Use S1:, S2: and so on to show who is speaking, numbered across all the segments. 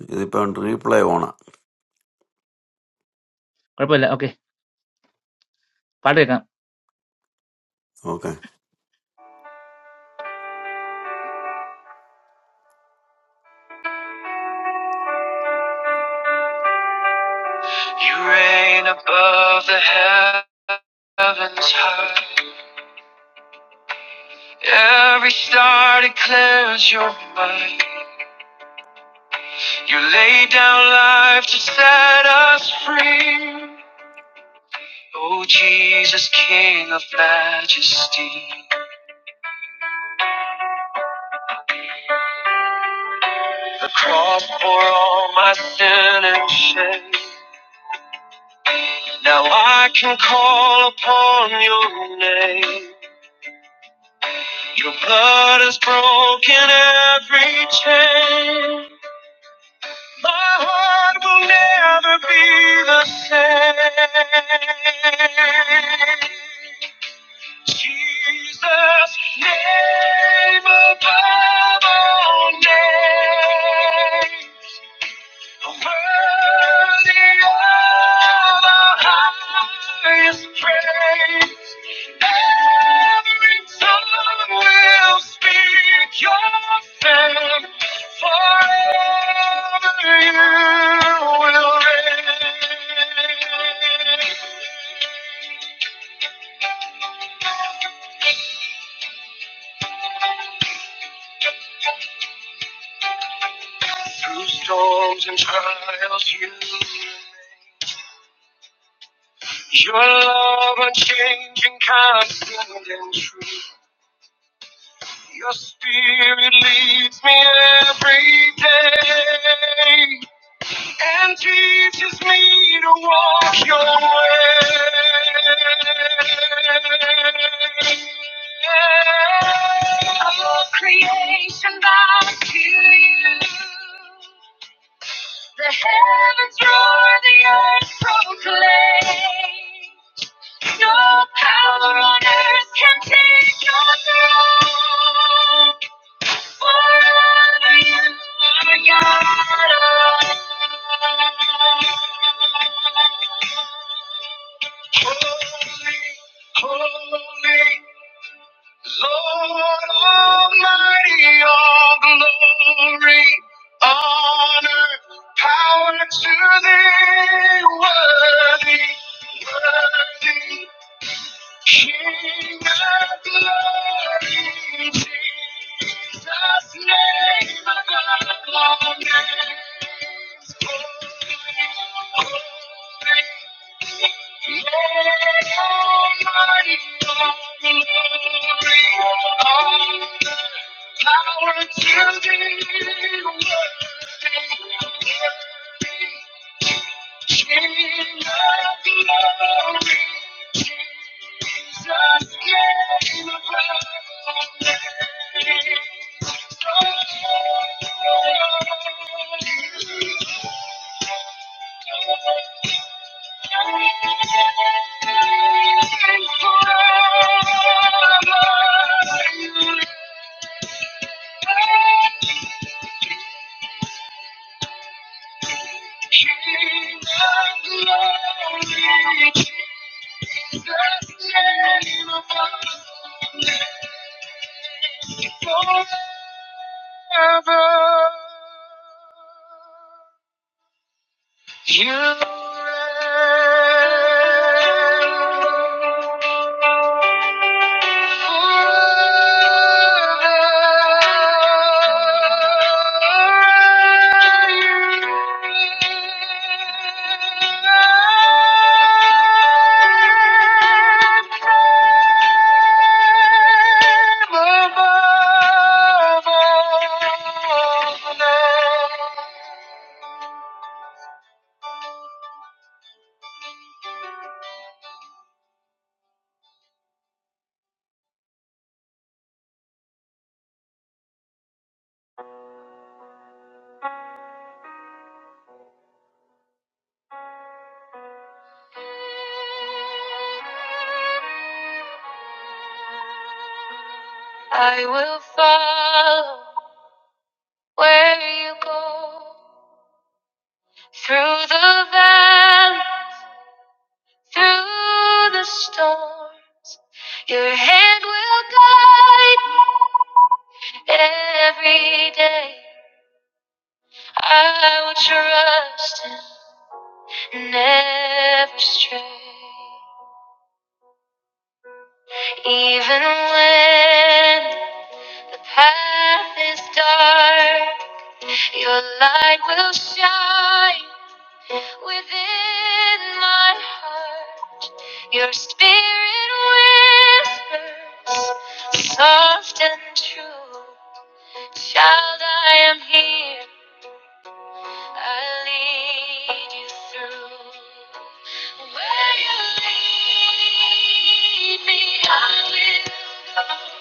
S1: This point reply,
S2: കുഴപ്പമില്ല okay പാട്ട് കേൾക്കാം
S1: okay.
S2: You reign above the heavens high. Every star declares your might. You lay down life to set us free. Oh, Jesus, King of majesty. The cross for all my sin and shame. Now I can call upon your name. Your blood has broken every chain. My heart will never be the same. Jesus, name above all names. Worthy of the highest praise. Every tongue will speak your name. Forever you will reign. Through storms and trials you remain. Your love unchanging, constant and true. Your spirit leads me every day and teaches me to walk your way. All creation bows to you. The heavens roar, the earth proclaims. No power on earth can take your throne. Power to thee, worthy, worthy. King of glory, Jesus' name above all names. Holy, holy, Lord Almighty, all glory, honor, power to thee. Worthy, worthy, King of glory, Jesus came above glory. forever. You reign forever. I will follow where you go through the valleys, through the storms. Your hand will guide me every day. I will trust and never stray. Even when the path is dark, your light will shine within my heart. Your spirit whispers, soft and true. Child, I am here. I lead you through. Where you lead me, I will go.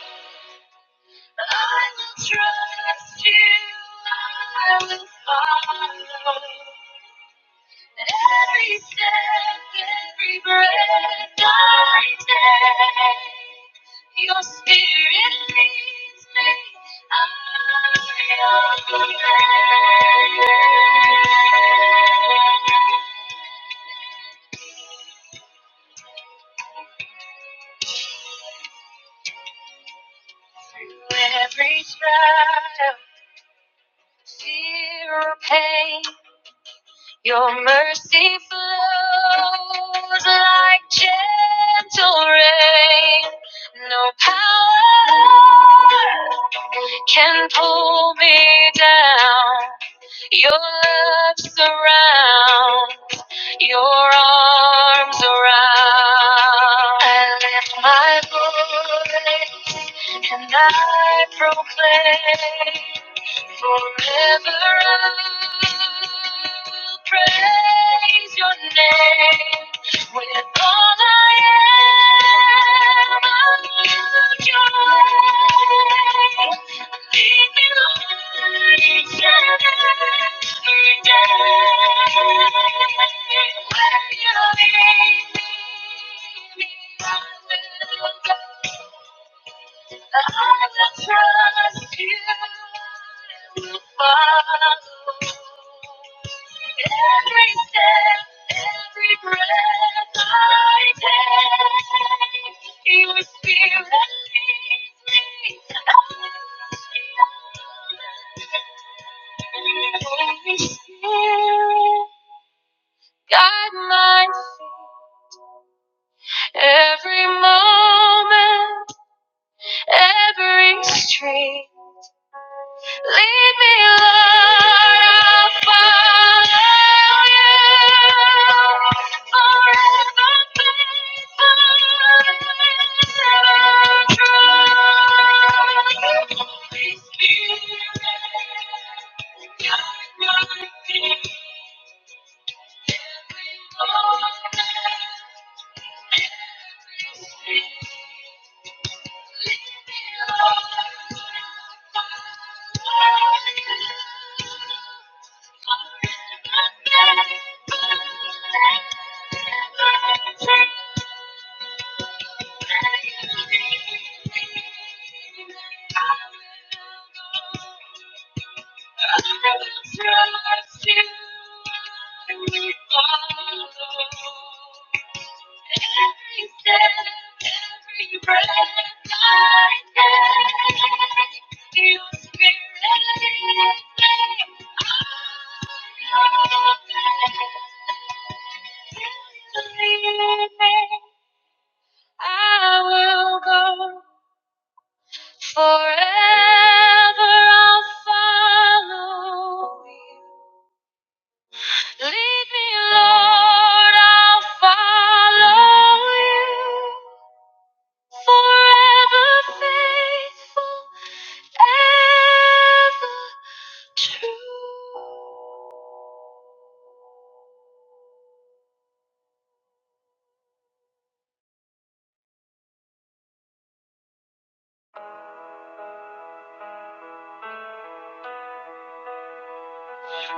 S2: I will trust you. I will follow. Every step, every breath I take, your spirit leads me. I obey. Through every trial, fear or pain, Your mercy flows like gentle rain. No power can pull me down. Your love surrounds, your arms around. I lift my voice and I proclaim Forever I will praise your name. With all I am, I'll lift your name. Lead me, Lord, each and every day. When you lead me, I will go. I I will trust you. will follow every every step, every breath I take. Your spirit leads me. Holy Spirit, guide my feet every moment every street. Lead me, Lord, I'll follow you. Forever faithful true.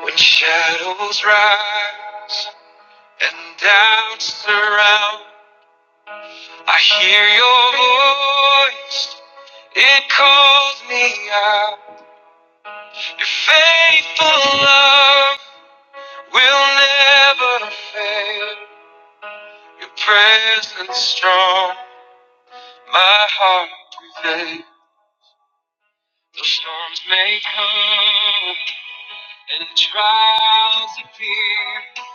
S2: When shadows rise and doubts surround, I hear your voice. It calls me out. Your faithful love. will never fail. Your presence strong, my heart prevails. The storms may come and trials appear.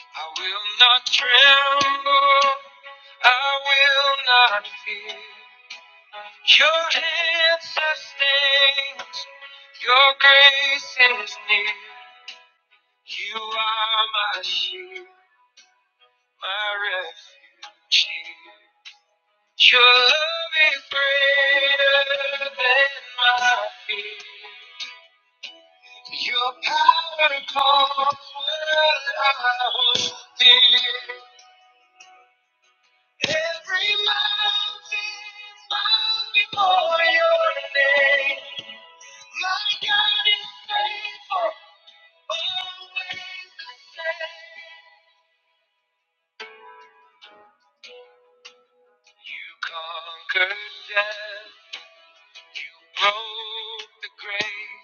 S2: I will not tremble, I will not fear. Your hand sustains, your grace is near. You are my shield, my refuge. here. Your love is greater than my fear. Your power calls what I hold dear. Every mountain bows before your name. My God is faithful. You conquered death. You broke the grave.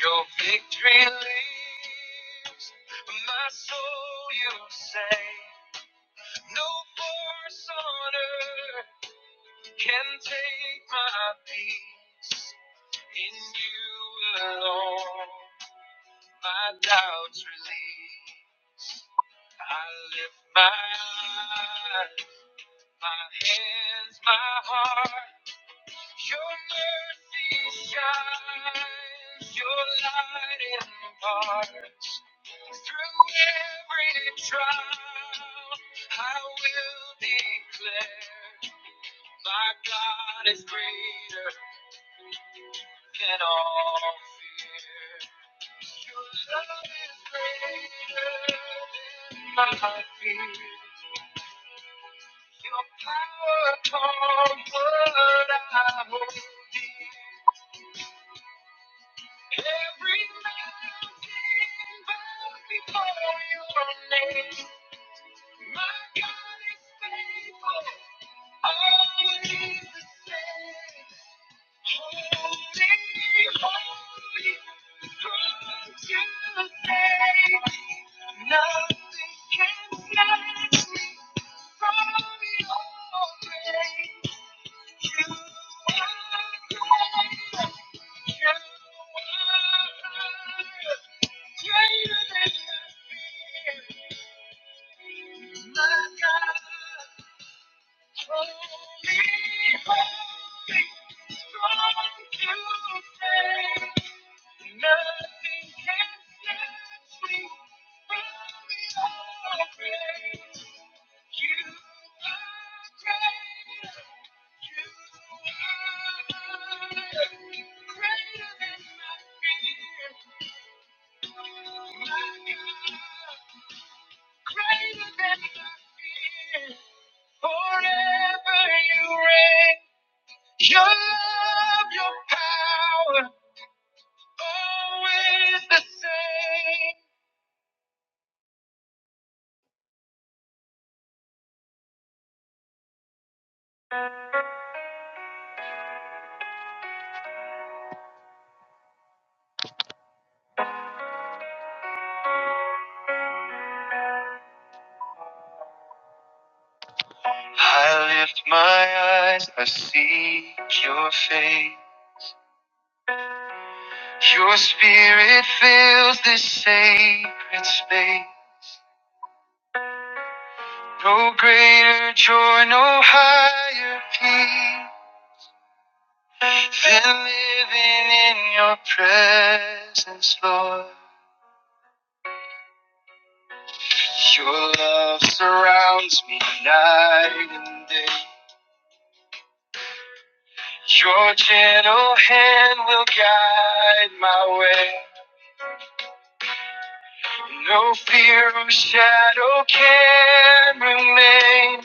S2: Your victory lives, my soul you say. No force on earth can take my peace. In you alone, my doubts release. I lift my eyes, my hands, my heart. Your mercy shines, your light in the heart. Through every trial, I will declare, my God is greater than all fear. Your love is greater than my fear. Your power upon what I hold dear. Every Forever you reign, your love, your power, always the same. I lift my eyes, I see your face. Your spirit fills this sacred space. No greater joy, no higher peace. Been living in your presence, Lord. Your love surrounds me night and day. Your gentle hand will guide my way. No fear or shadow can remain.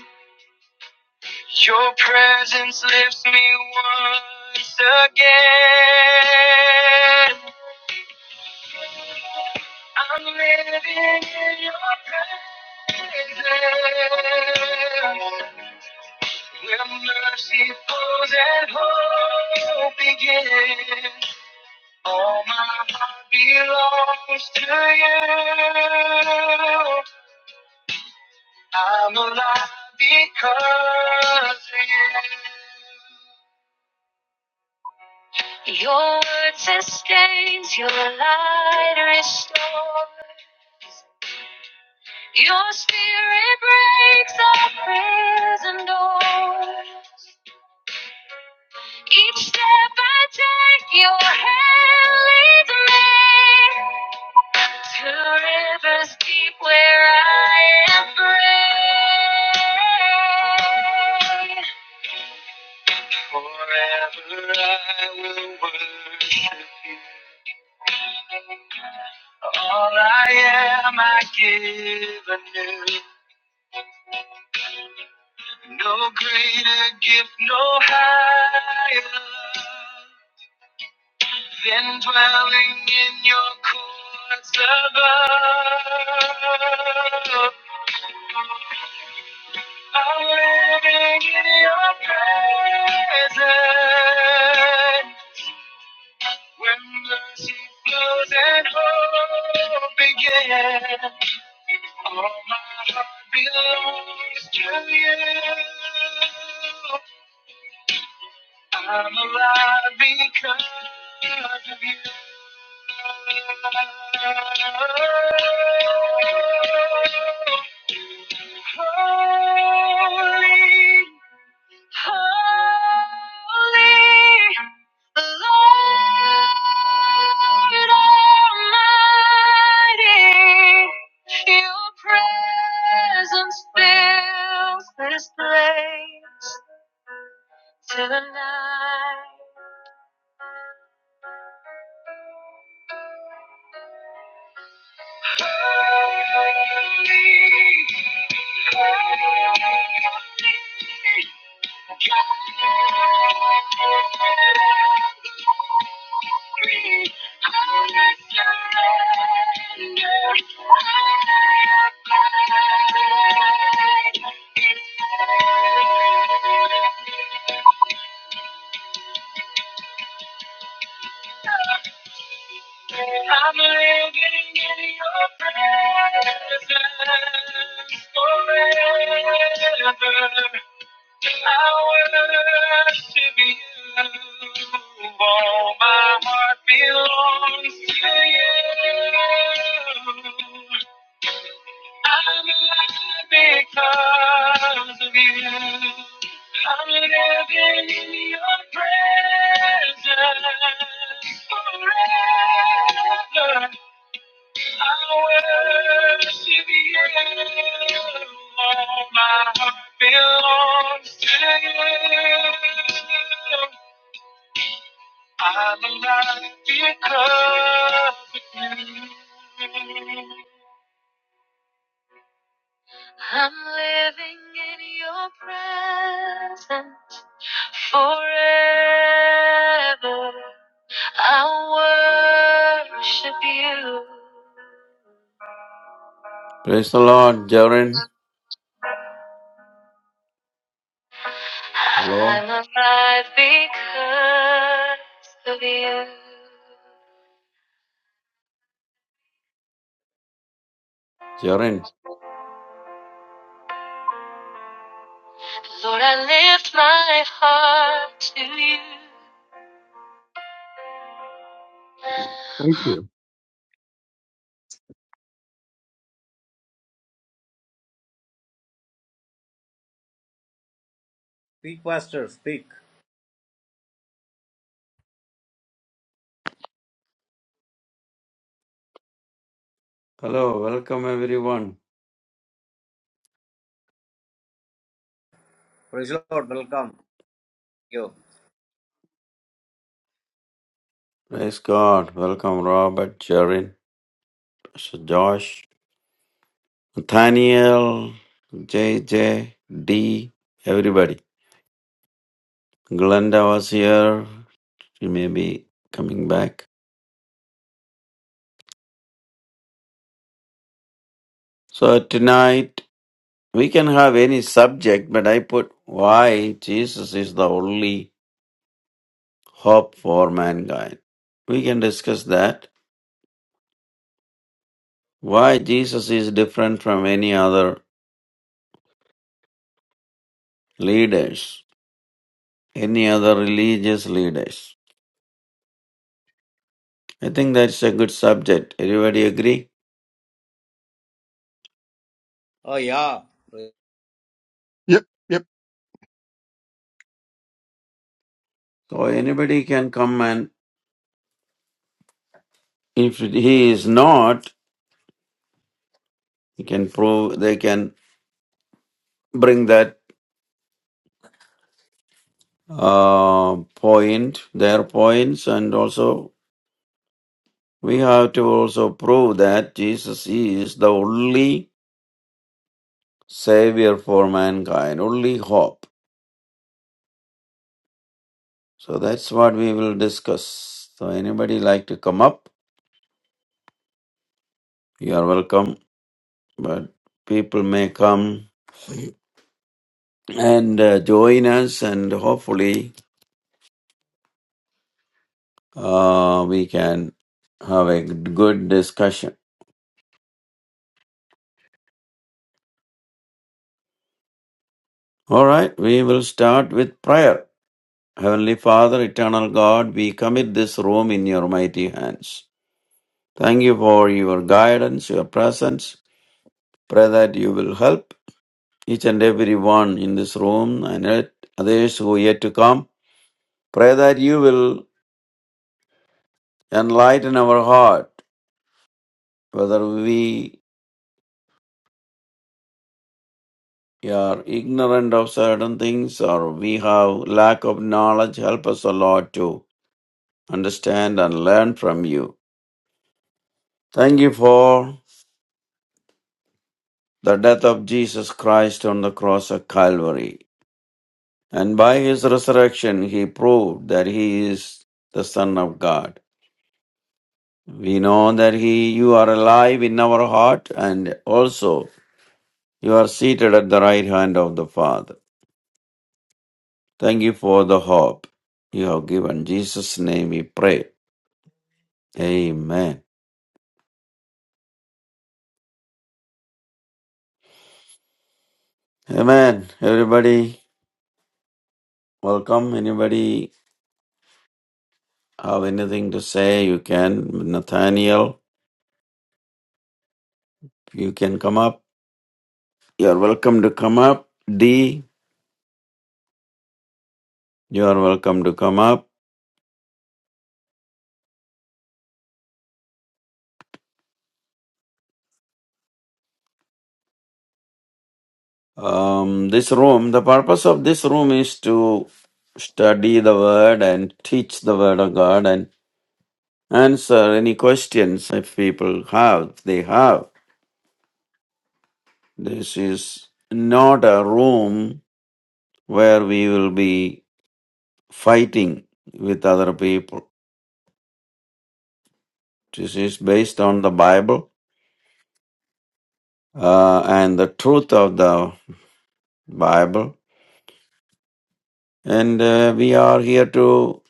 S2: Your presence lifts me once again. I'm living in your presence. Where mercy flows and hope begins. All my heart belongs to you. I'm alive because of you. Your word sustains, your light restores. Your spirit breaks our prison doors. Each step I take, your hand leads me to rivers deep where I am free. Forever I will worship you. All I am, I give anew. No greater gift, no higher than dwelling in your courts above. I'm living in your presence when mercy flows and hope begins. All my heart belongs to you. I'm alive because of you. Holy God Almighty, Your presence fills this place till the night. I'm living in your presence forever. I worship you. All my heart belongs to you. I'm alive because of you. I'm living in your presence forever. I worship you. All my heart belongs to you. I'm alive because of you. I'm living in your presence forever. I worship you.
S1: Praise the Lord, Jaren. Hello,
S2: I'm alive because of you.
S1: Jaren.
S2: Lord, I lift my heart to you.
S3: Thank you.
S4: Speak, Pastor, speak.
S1: Hello, welcome everyone.
S4: Praise the Lord, welcome. Thank you.
S1: Praise God. Welcome, Robert, Jaren, Sir Josh, Nathaniel, J J D. Everybody. Glenda was here. She may be coming back. So tonight we can have any subject, but I put why Jesus is the only hope for mankind. We can discuss that. Why Jesus is different from any other leaders, any other religious leaders? I think that's a good subject. Everybody agree?
S4: Oh yeah.
S1: So anybody can come and if he is not, he can prove they can bring that uh, point, their points, and also we have to also prove that Jesus is the only savior for mankind, only hope. So that's what we will discuss. So anybody like to come up, you are welcome. But people may come and uh, join us, and hopefully uh, we can have a good discussion. All right, we will start with prayer. Heavenly Father, eternal God, we commit this room in your mighty hands. Thank you for your guidance, your presence. Pray that you will help each and every one in this room and others who are yet to come. Pray that you will enlighten our heart, whether we are ignorant of certain things or we have lack of knowledge. Help us, O Lord, to understand and learn from you. Thank you for the death of Jesus Christ on the cross of Calvary. And by his resurrection, he proved that he is the Son of God. We know that he, you are alive in our heart and also you are seated at the right hand of the Father. Thank you for the hope you have given. In Jesus' name we pray. Amen. Amen. Everybody, welcome. Anybody have anything to say? You can. Nathaniel, you can come up. You are welcome to come up. D, you are welcome to come up. Um, this room, the purpose of this room is to study the word and teach the word of God and answer any questions if people have, if they have. This is not a room where we will be fighting with other people. This is based on the Bible uh, and the truth of the Bible. And uh, we are here to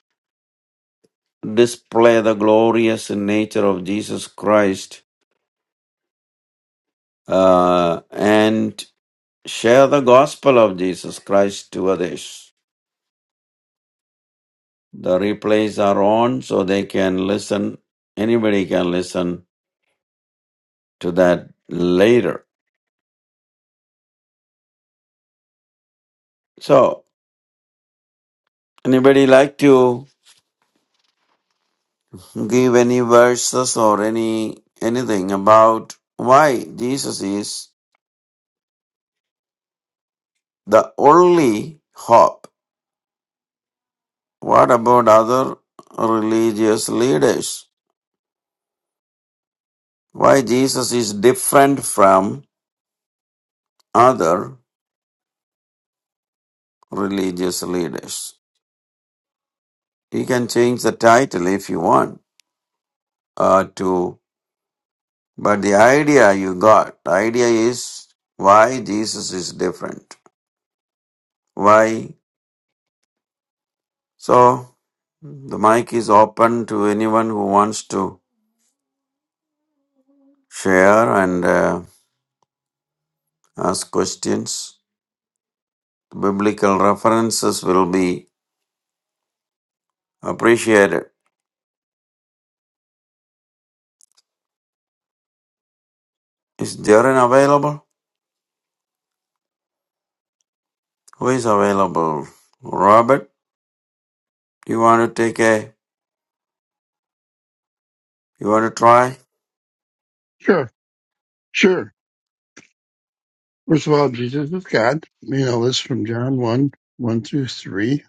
S1: display the glorious nature of Jesus Christ uh, and share the gospel of Jesus Christ to others. The replays are on so they can listen. Anybody can listen to that later. So, anybody like to give any verses or any anything about why Jesus is the only hope? What about other religious leaders? Why Jesus is different from other religious leaders? You can change the title if you want uh, to, but the idea you got, the idea is why Jesus is different. Why So the mic is open to anyone who wants to share and uh, ask questions. Biblical references will be appreciated. Is Darren available? Who is available? Robert, you want to take a, you want to try?
S3: Sure, sure. First of all, Jesus is God. You know this from John 1, 1 through 3,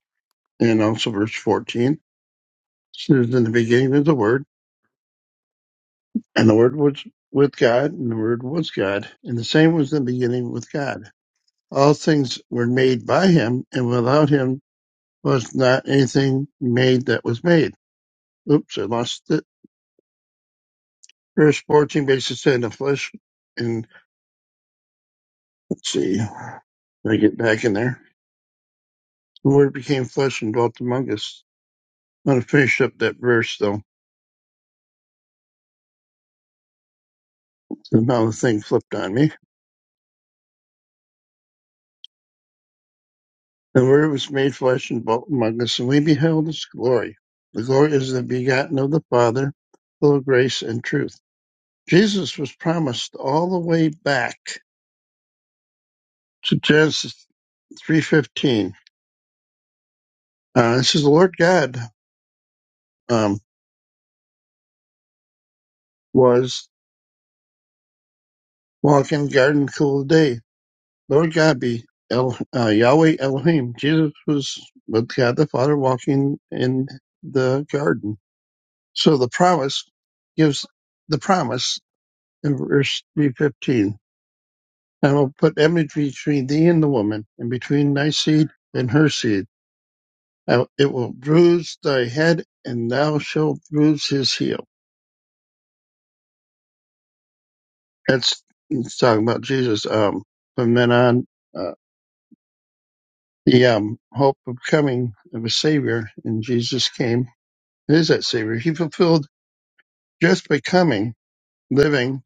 S3: and also verse 14. It says, in the beginning is the Word, and the Word was with God, and the Word was God. And the same was in the beginning with God. All things were made by him, and without him was not anything made that was made. Oops, I lost it. Verse 14 basically said in the flesh, and let's see, I get back in there. The Word became flesh and dwelt among us How to finish up that verse though, and how the thing flipped on me. The word was made flesh and dwelt among us, and we beheld his glory. The glory is the begotten of the Father, full of grace and truth. Jesus was promised all the way back to Genesis three fifteen. Uh, it says the Lord God um, was walking in the garden in the cool of the day. Lord God be El, uh, Yahweh Elohim. Jesus was with God the Father walking in the garden So the promise gives the promise in verse 315. I will put enmity between thee and the woman, and between thy seed and her seed. I- It will bruise thy head, and thou shalt bruise his heel. That's it's talking about Jesus. Um, from then on, uh, the um, hope of coming of a Savior, and Jesus came. It is that Savior. He fulfilled just by coming, living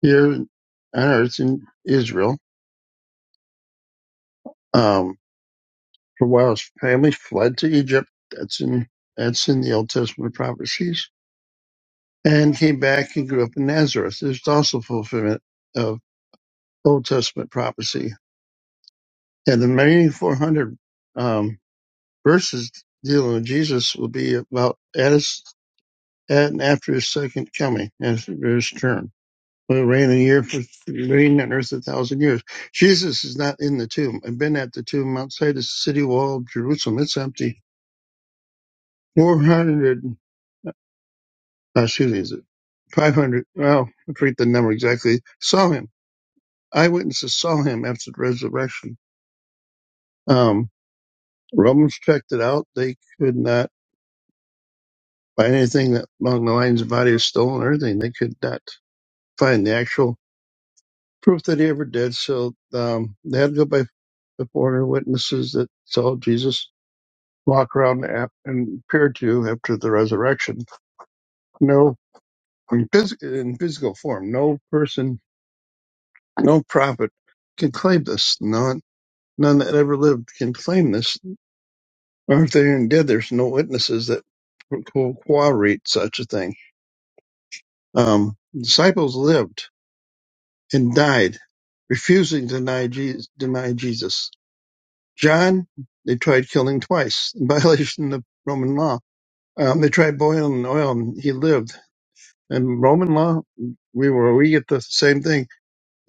S3: here on earth in Israel. Um, For while his family fled to Egypt, that's in that's in the Old Testament prophecies, and came back and grew up in Nazareth. There's also fulfillment of Old Testament prophecy, and the remaining 400 um, verses dealing with Jesus will be about at his at and after his second coming, after his turn. Will reign a year for reign on earth a thousand years. Jesus is not in the tomb. I've been at the tomb outside the city wall of Jerusalem. It's empty. 400 Uh, excuse me, is it 500? Well, I forget the number exactly. Saw him. Eyewitnesses saw him after the resurrection. Um, Romans checked it out. They could not find anything that along the lines the body was stolen or anything. They could not find the actual proof that he ever did. So um, they had to go by the foreigner witnesses that saw Jesus walk around ap- and appear to after the resurrection. No, in, phys- in physical form, no person, no prophet can claim this. None. None that ever lived can claim this. Or if they even dead? there's no witnesses that co- corroborate such a thing. Um, disciples lived and died, refusing to deny Jesus, deny Jesus. John, they tried killing twice in violation of Roman law. Um, they tried boiling oil, and he lived. And Roman law, we were we get the same thing.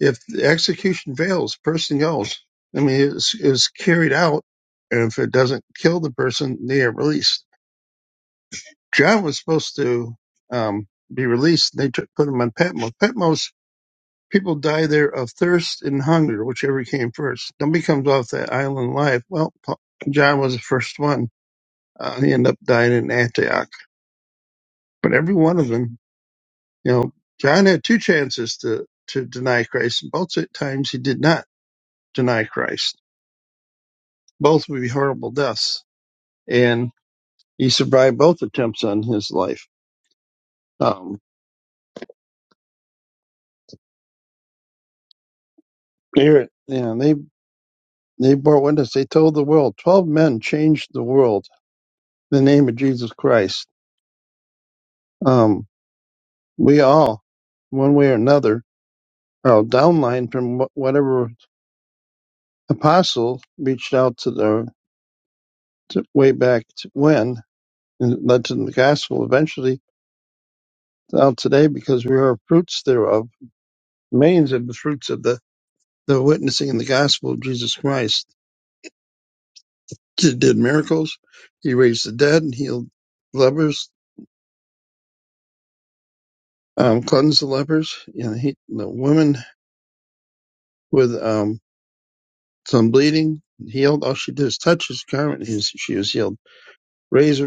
S3: If the execution fails, person goes. I mean, it's, it's carried out, and if it doesn't kill the person, they are released John was supposed to um, be released, and they took, put him on Patmos. Patmos people die there of thirst and hunger, whichever came first. Nobody comes off that island alive. Well, Pa- John was the first one. Uh, he ended up dying in Antioch. But every one of them, you know, John had two chances to to deny Christ, and both times he did not deny Christ. Both would be horrible deaths, and he survived both attempts on his life. Um, they, were- you know, they They bore witness. They told the world. Twelve men changed the world in the name of Jesus Christ. Um, we all, one way or another, are downline from wh- whatever apostle reached out to the to way back to when and led to the gospel eventually out today because we are fruits thereof. Millions of the fruits of the, the witnessing in the gospel of Jesus Christ. He did miracles. He raised the dead and healed lepers, um, cleansed the lepers. You know, he, the women with um some bleeding, healed. All she did is touch his garment, he's, she was healed. Raised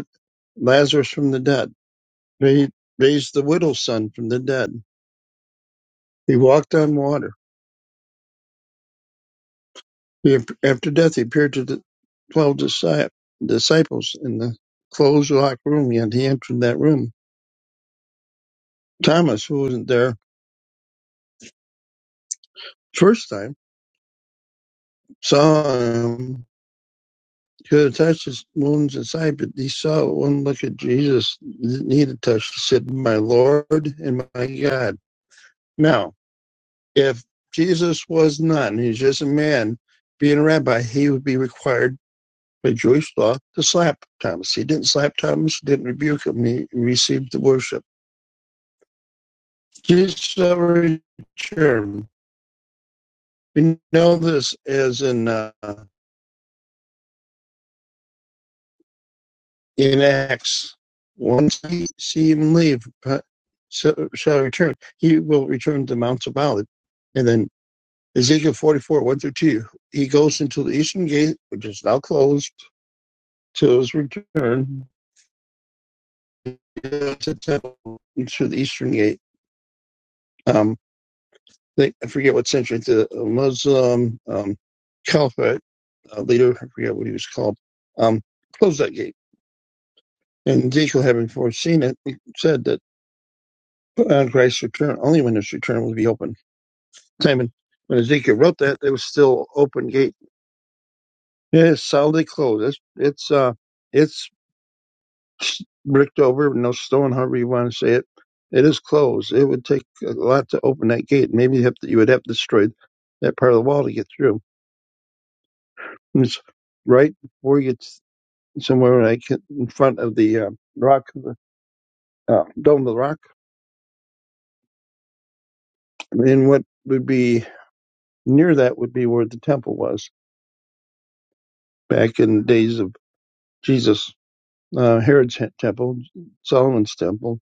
S3: Lazarus from the dead. He raised the widow's son from the dead. He walked on water. He, after death, he appeared to the twelve disci- disciples in the closed locked room, and he entered that room. Thomas, who wasn't there first time, saw him. He Could have touched his wounds inside, but he saw one look at Jesus. He Didn't need to touch. He said, "My Lord and my God." Now, if Jesus was none, he's just a man being a rabbi, he would be required by Jewish law to slap Thomas. He didn't slap Thomas, didn't rebuke him, he received the worship. Jesus already returned. We know this as in uh, in Acts. Once he see him leave, uh, so- shall return. He will return to Mount of Olives. And then Ezekiel 44, 1 through 2, he goes into the eastern gate, which is now closed till his return uh, to temple through the eastern gate. Um, they, I forget what century the Muslim um, caliphate uh, leader, I forget what he was called, um, closed that gate. And Ezekiel, having foreseen it, he said that on Christ's return, only when his return will be open. Simon, when Ezekiel wrote that, it was still open gate. It is solidly closed. It's it's uh, it's Bricktober, no stone, however you want to say it. It is closed. It would take a lot to open that gate. Maybe you, have to, you would have destroyed that part of the wall to get through. And it's right before you get s- somewhere like in front of the uh, rock, uh, dome of the rock. And what would be near that would be where the temple was back in the days of Jesus, uh, Herod's he- temple, Solomon's temple.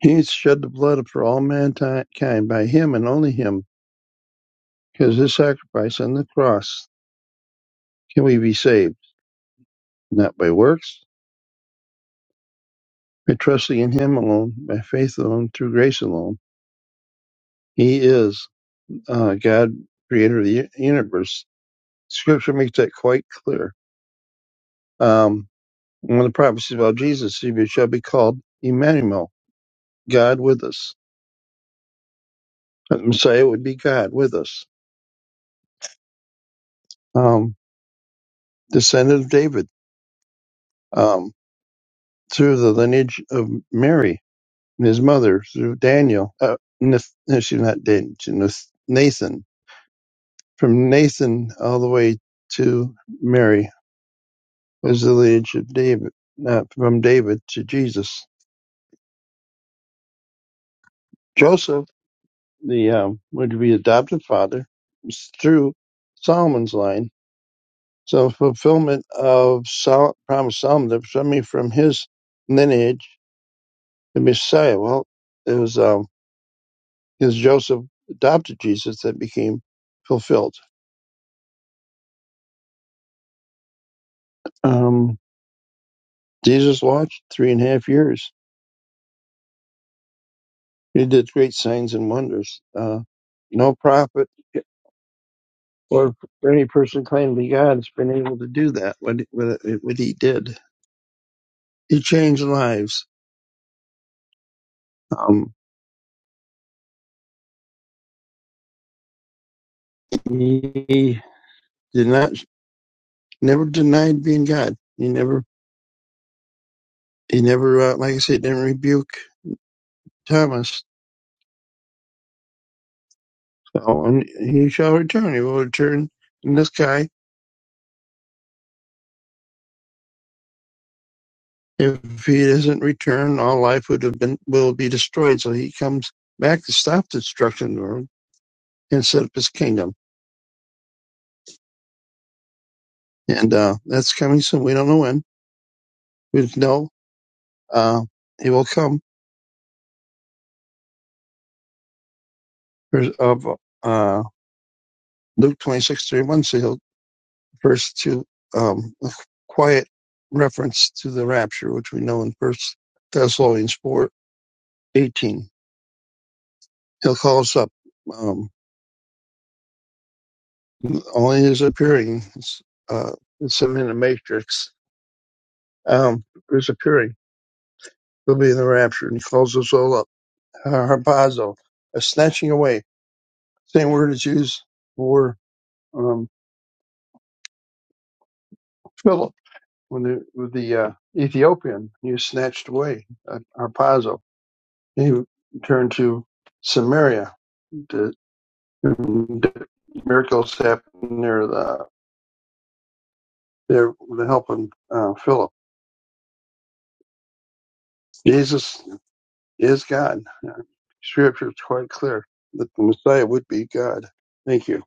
S3: He shed the blood for all mankind by him and only him, because his sacrifice on the cross Can we be saved? Not by works, by trusting in Him alone, by faith alone, through grace alone. He is uh, God, creator of the u- universe. Scripture makes that quite clear. Um, one of the prophecies about Jesus, he shall be called Emmanuel, God with us. The Messiah would be God with us. Um, descendant of David, um, through the lineage of Mary and his mother, through Daniel, uh, Nath- no, she's not Daniel, she's Nath- Nathan, from Nathan all the way to Mary, was the lineage of David, uh, from David to Jesus. Joseph, the um, would be adopted father, is through Solomon's line. So fulfillment of Sol- promise Solomon, that somebody from his lineage, the Messiah. Well, it was um, his Joseph adopted Jesus that became fulfilled. Um, Jesus watched three and a half years You did great signs and wonders. Uh, no prophet or any person claiming to be God has been able to do that. What what, what he did, he changed lives. Um, he did not never denied being God. He never he never uh, like I said didn't rebuke Thomas. So, and he shall return. He will return in the sky. If he doesn't return, all life would have been will be destroyed. So he comes back to stop destruction or and set up his kingdom. and uh, that's coming soon. We don't know when. We know uh, he will come. Of Uh, uh, Luke twenty six thirty one. So he'll first to um, a quiet reference to the rapture, which we know in First Thessalonians four eighteen. He'll call us up. Um, only his appearing. It's, uh, it's him in the matrix. Um, his appearing. He'll be in the rapture, and he calls us all up. Harpazo, a snatching away. Same word is used for. um, Philip, when the, with the uh, Ethiopian, he was snatched away at Harpazo. He turned to Samaria. To, to- miracles happened there, the, there with the help of uh, Philip. Jesus is God. Uh, Scripture is quite clear that the Messiah would be God. Thank you.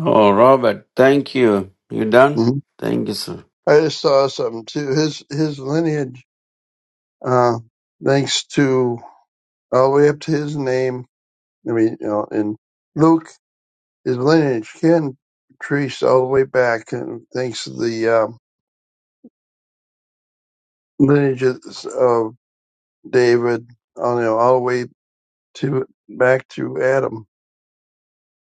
S1: Oh, Robert, thank you. You done?
S3: hmm
S1: Thank you, sir.
S3: I just saw something too. His his lineage, uh, thanks to all the way up to his name. I mean, you know, in Luke. His lineage can trace all the way back, and thanks to the um, lineages of David, on you know, all the way to back to Adam.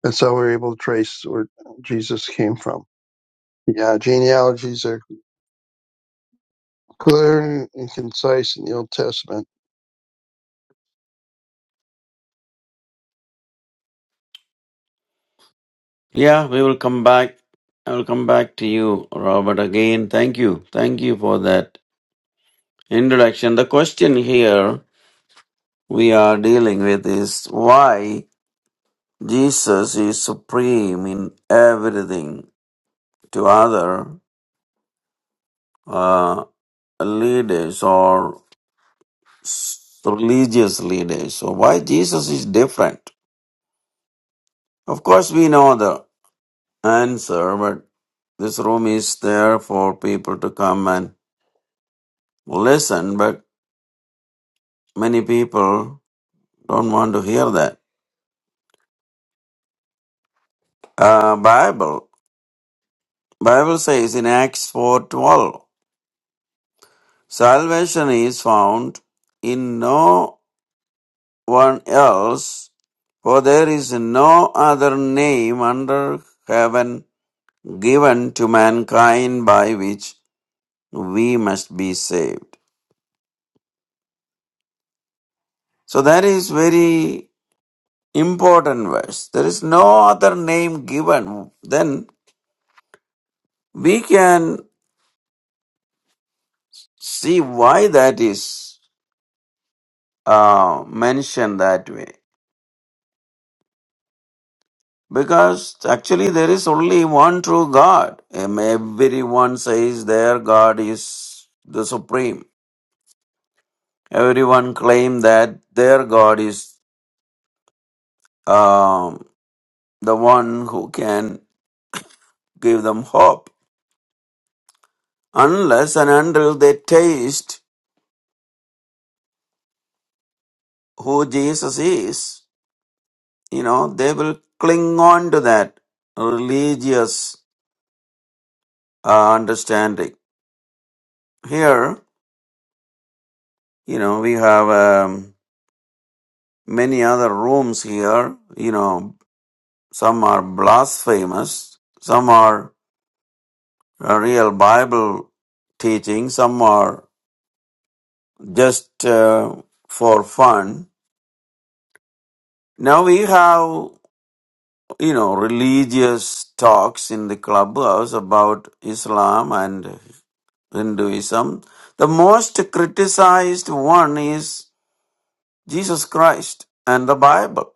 S3: That's how we're able to trace where Jesus came from. Yeah, genealogies are clear and concise in the Old Testament.
S1: Yeah, we will come back. I will come back to you, Robert, again. Thank you. Thank you for that introduction. The question here we are dealing with is why Jesus is supreme in everything to other uh, leaders or s- religious leaders. So, why Jesus is different? Of course, we know the answer, but this room is there for people to come and listen, but many people don't want to hear that. Uh, Bible. Bible says in Acts four twelve. Salvation is found in no one else, for there is no other name under heaven given to mankind by which we must be saved. So that is very important verse. There is no other name given. Then we can see why that is uh, mentioned that way. Because actually there is only one true God. Um, Everyone says their God is the supreme. Everyone claim that their God is um, the one who can give them hope. Unless and until they taste who Jesus is, you know, they will cling on to that religious uh, understanding. Here, you know, we have um, many other rooms here, you know, some are blasphemous, some are uh, real Bible teaching, some are just uh, for fun. Now we have, you know, religious talks in the clubhouse about Islam and Hinduism. The most criticized one is Jesus Christ and the Bible.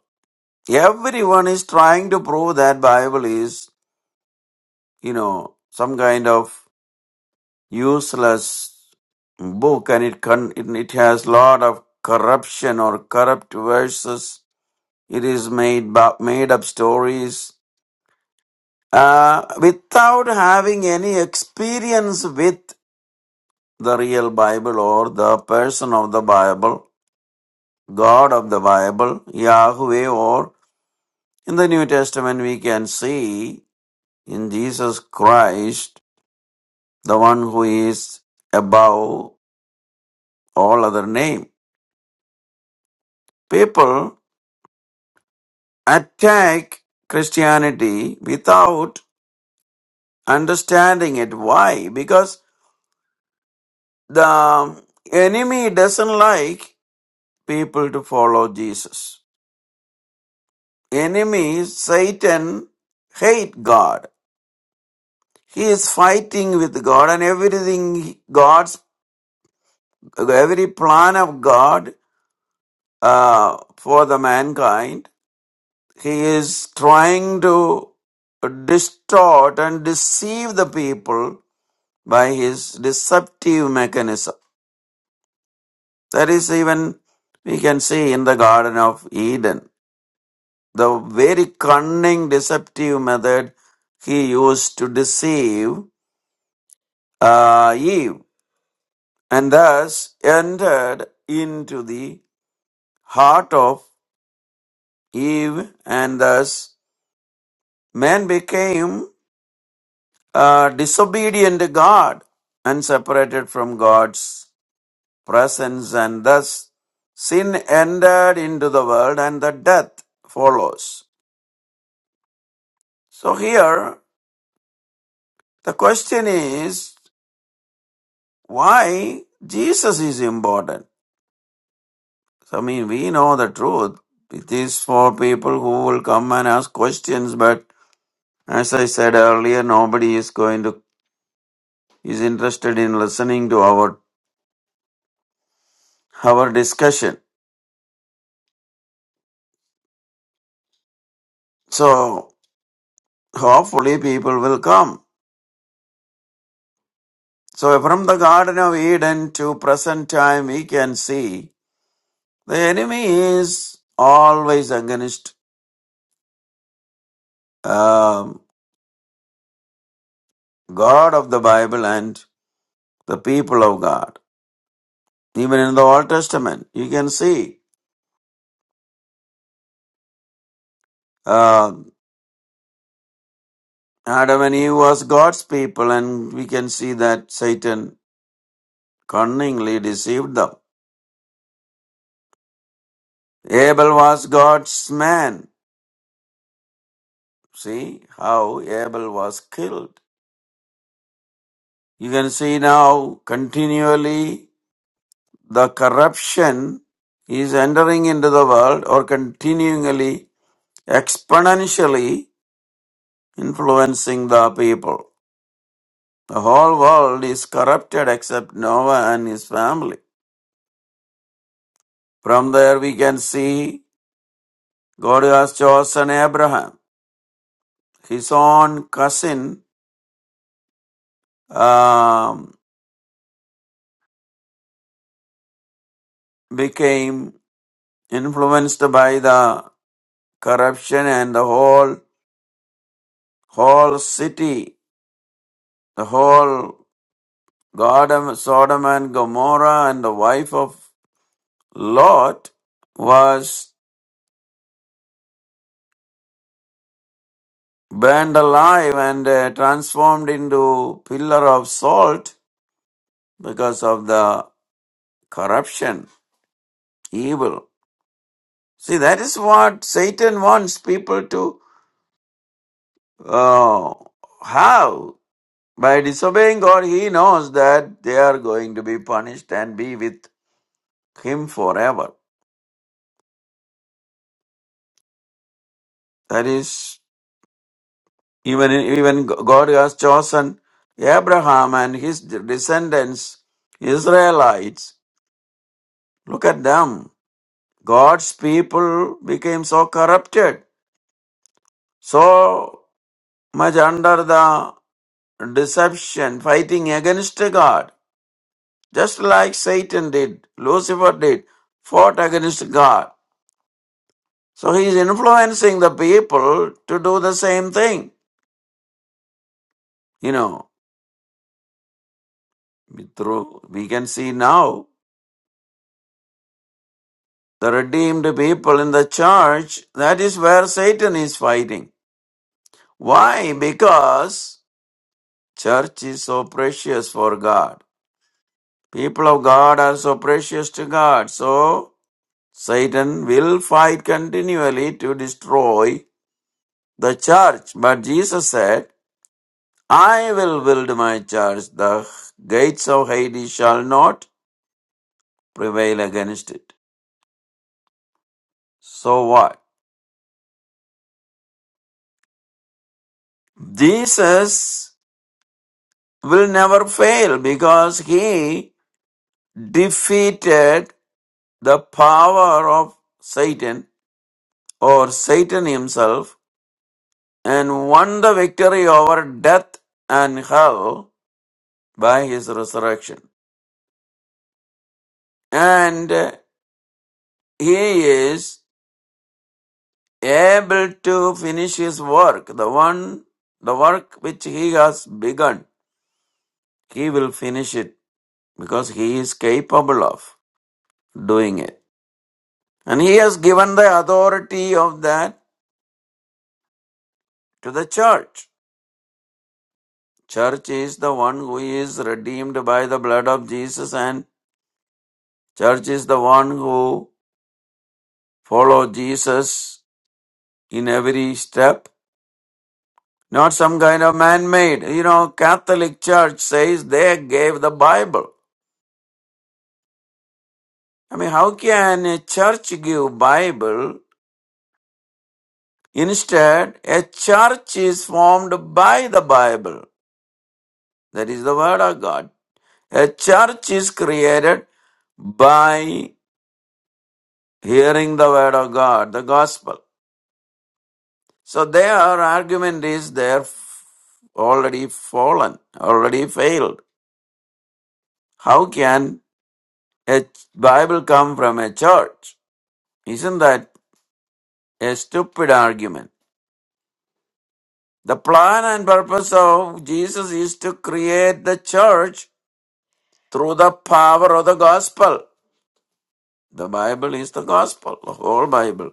S1: Everyone is trying to prove that Bible is, you know, some kind of useless book and it con- it, it has lot of corruption or corrupt verses it is made bu- made up stories uh, without having any experience with the real bible or the person of the bible god of the bible yahweh or in the new testament we can see in jesus christ the one who is above all other name people attack Christianity without understanding it. Why? Because the enemy doesn't like people to follow Jesus. Enemy, Satan, hate God. He is fighting with God and everything God's, every plan of God uh, for the mankind. He is trying to distort and deceive the people by his deceptive mechanism. That is even we can see in the Garden of Eden. The very cunning deceptive method he used to deceive uh, Eve and thus entered into the heart of Eve and thus man became uh, disobedient to God and separated from God's presence, and thus sin entered into the world and the death follows. So here the question is why Jesus is important. So I mean we know the truth. It is for people who will come and ask questions, but as I said earlier, nobody is going to is interested in listening to our our discussion. So hopefully people will come. So from the Garden of Eden to present time, we can see the enemy is always against um, God of the Bible and the people of God. Even in the Old Testament, you can see uh, Adam and Eve was God's people, and we can see that Satan cunningly deceived them. Abel was God's man. See how Abel was killed. You can see now continually the corruption is entering into the world or continually exponentially influencing the people. The whole world is corrupted except Noah and his family. From there, we can see God has chosen Abraham. His own cousin um, became influenced by the corruption, and the whole whole city, the whole God, Sodom and Gomorrah and the wife of Lot was burned alive and uh, transformed into pillar of salt because of the corruption, evil. See, that is what Satan wants people to uh, have. By disobeying God, he knows that they are going to be punished and be with him forever. That is Even even God has chosen Abraham and his descendants, Israelites. Look at them. God's people became so corrupted, so much under the deception, fighting against God, just like Satan did, Lucifer did, fought against God. So he is influencing the people to do the same thing. You know, through we can see now. the redeemed people in the church, that is where Satan is fighting. Why? Because church is so precious for God. People of God are so precious to God. So Satan will fight continually to destroy the church. But Jesus said, I will build my church. The gates of Hades shall not prevail against it. So what? Jesus will never fail because he defeated the power of Satan or Satan himself and won the victory over death and hell by his resurrection. And he is able to finish his work. The one, the work which he has begun, he will finish it because he is capable of doing it. And he has given the authority of that to the church. Church is the one who is redeemed by the blood of Jesus and church is the one who follows Jesus in every step. Not some kind of man-made. You know, Catholic Church says they gave the Bible. I mean, how can a church give Bible? Instead, a church is formed by the Bible. That is the word of God. A church is created by hearing the word of God, the gospel. So their argument is they're already fallen, already failed. How can a Bible come from a church? Isn't that a stupid argument? The plan and purpose of Jesus is to create the church through the power of the gospel. The Bible is the gospel. The whole Bible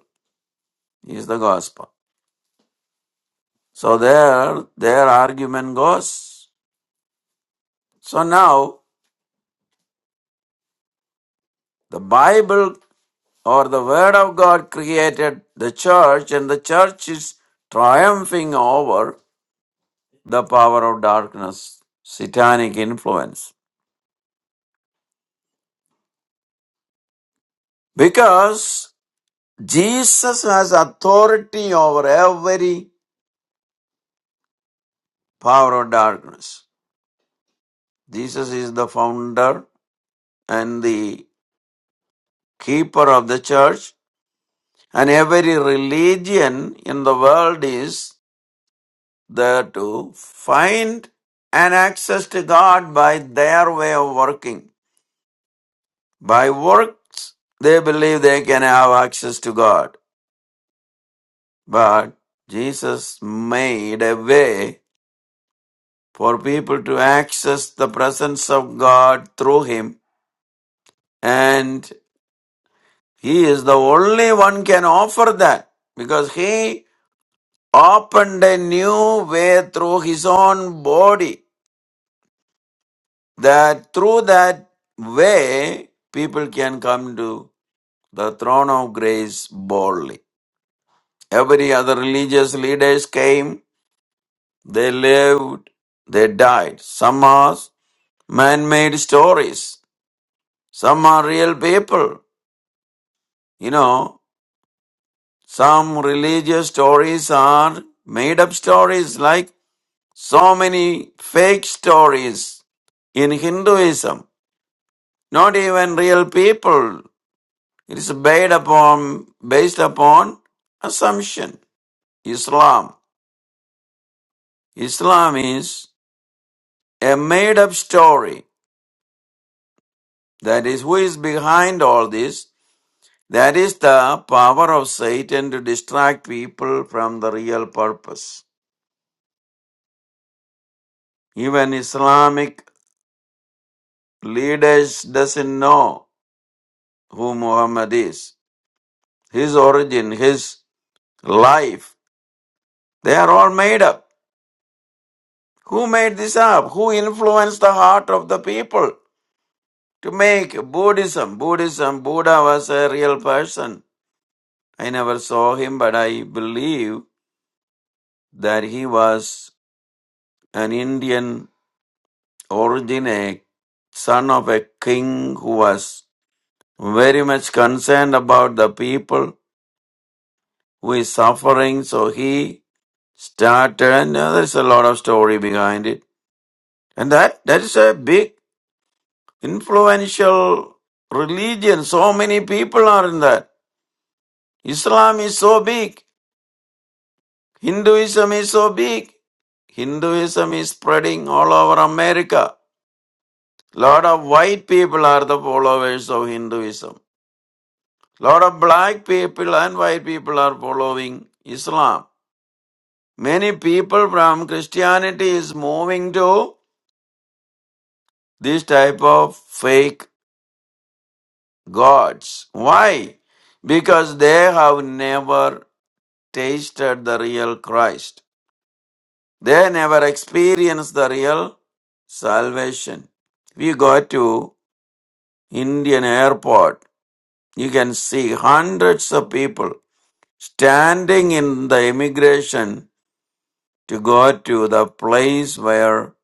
S1: is the gospel. So there, their argument goes. So now the Bible or the word of God created the church and the church is triumphing over the power of darkness, satanic influence. Because Jesus has authority over every power of darkness. Jesus is the founder and the keeper of the church and every religion in the world is there to find an access to God by their way of working. By works, they believe they can have access to God. But Jesus made a way for people to access the presence of God through Him. And He is the only one can offer that because He opened a new way through His own body that through that way people can come to the throne of grace boldly. Every other religious leaders came They lived, they died. Some are man made stories, some are real people. You know, some religious stories are made up stories, like so many fake stories in Hinduism. Not even real people. It is based upon, based upon assumption. Islam. Islam is a made up story. That is, who is behind all this? That is the power of Satan to distract people from the real purpose. Even Islamic leaders doesn't know who Muhammad is, his origin, his life. They are all made up. Who made this up? Who influenced the heart of the people to make Buddhism? Buddhism, Buddha was a real person. I never saw him, but I believe that he was an Indian origin, a son of a king who was very much concerned about the people who is suffering. So he started, and uh, there's a lot of story behind it. And that, that is a big influential religion. So many people are in that. Islam is so big. Hinduism is so big. Hinduism is spreading all over America. Lot of white people are the followers of Hinduism. lot of black people and white people are following Islam. Many people from Christianity is moving to this type of fake gods. Why? Because they have never tasted the real Christ. They never experienced the real salvation. If you go to Indian airport, you can see hundreds of people standing in the immigration to go to the place where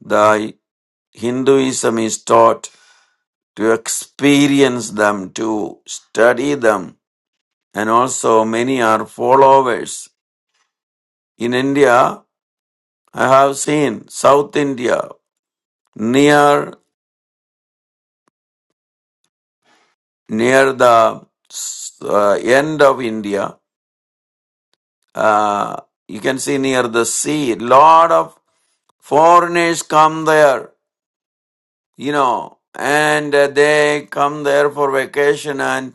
S1: the Hinduism is taught, to experience them, to study them, and also many are followers. In India, I have seen South India near near the uh, end of India. Uh, you can see near the sea, lot of foreigners come there. You know, and uh, they come there for vacation and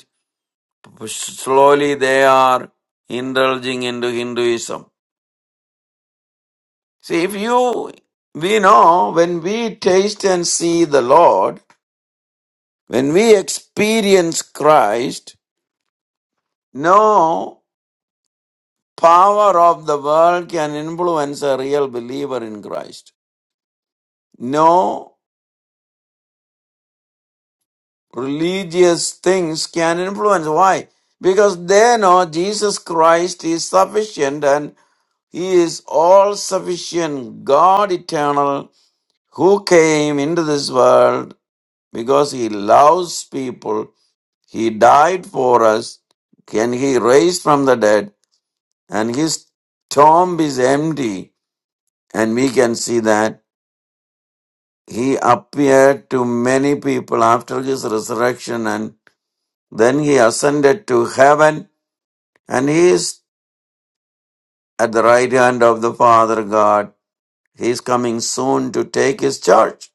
S1: slowly they are indulging into Hinduism. See, if you, we know when we taste and see the Lord, when we experience Christ, no power of the world can influence a real believer in Christ. No religious things can influence. Why? Because they know Jesus Christ is sufficient and He is all sufficient, God eternal who came into this world because he loves people. He died for us, and he raised from the dead, and his tomb is empty. And we can see that he appeared to many people after his resurrection, and then he ascended to heaven, and he is at the right hand of the Father God. He is coming soon to take his church.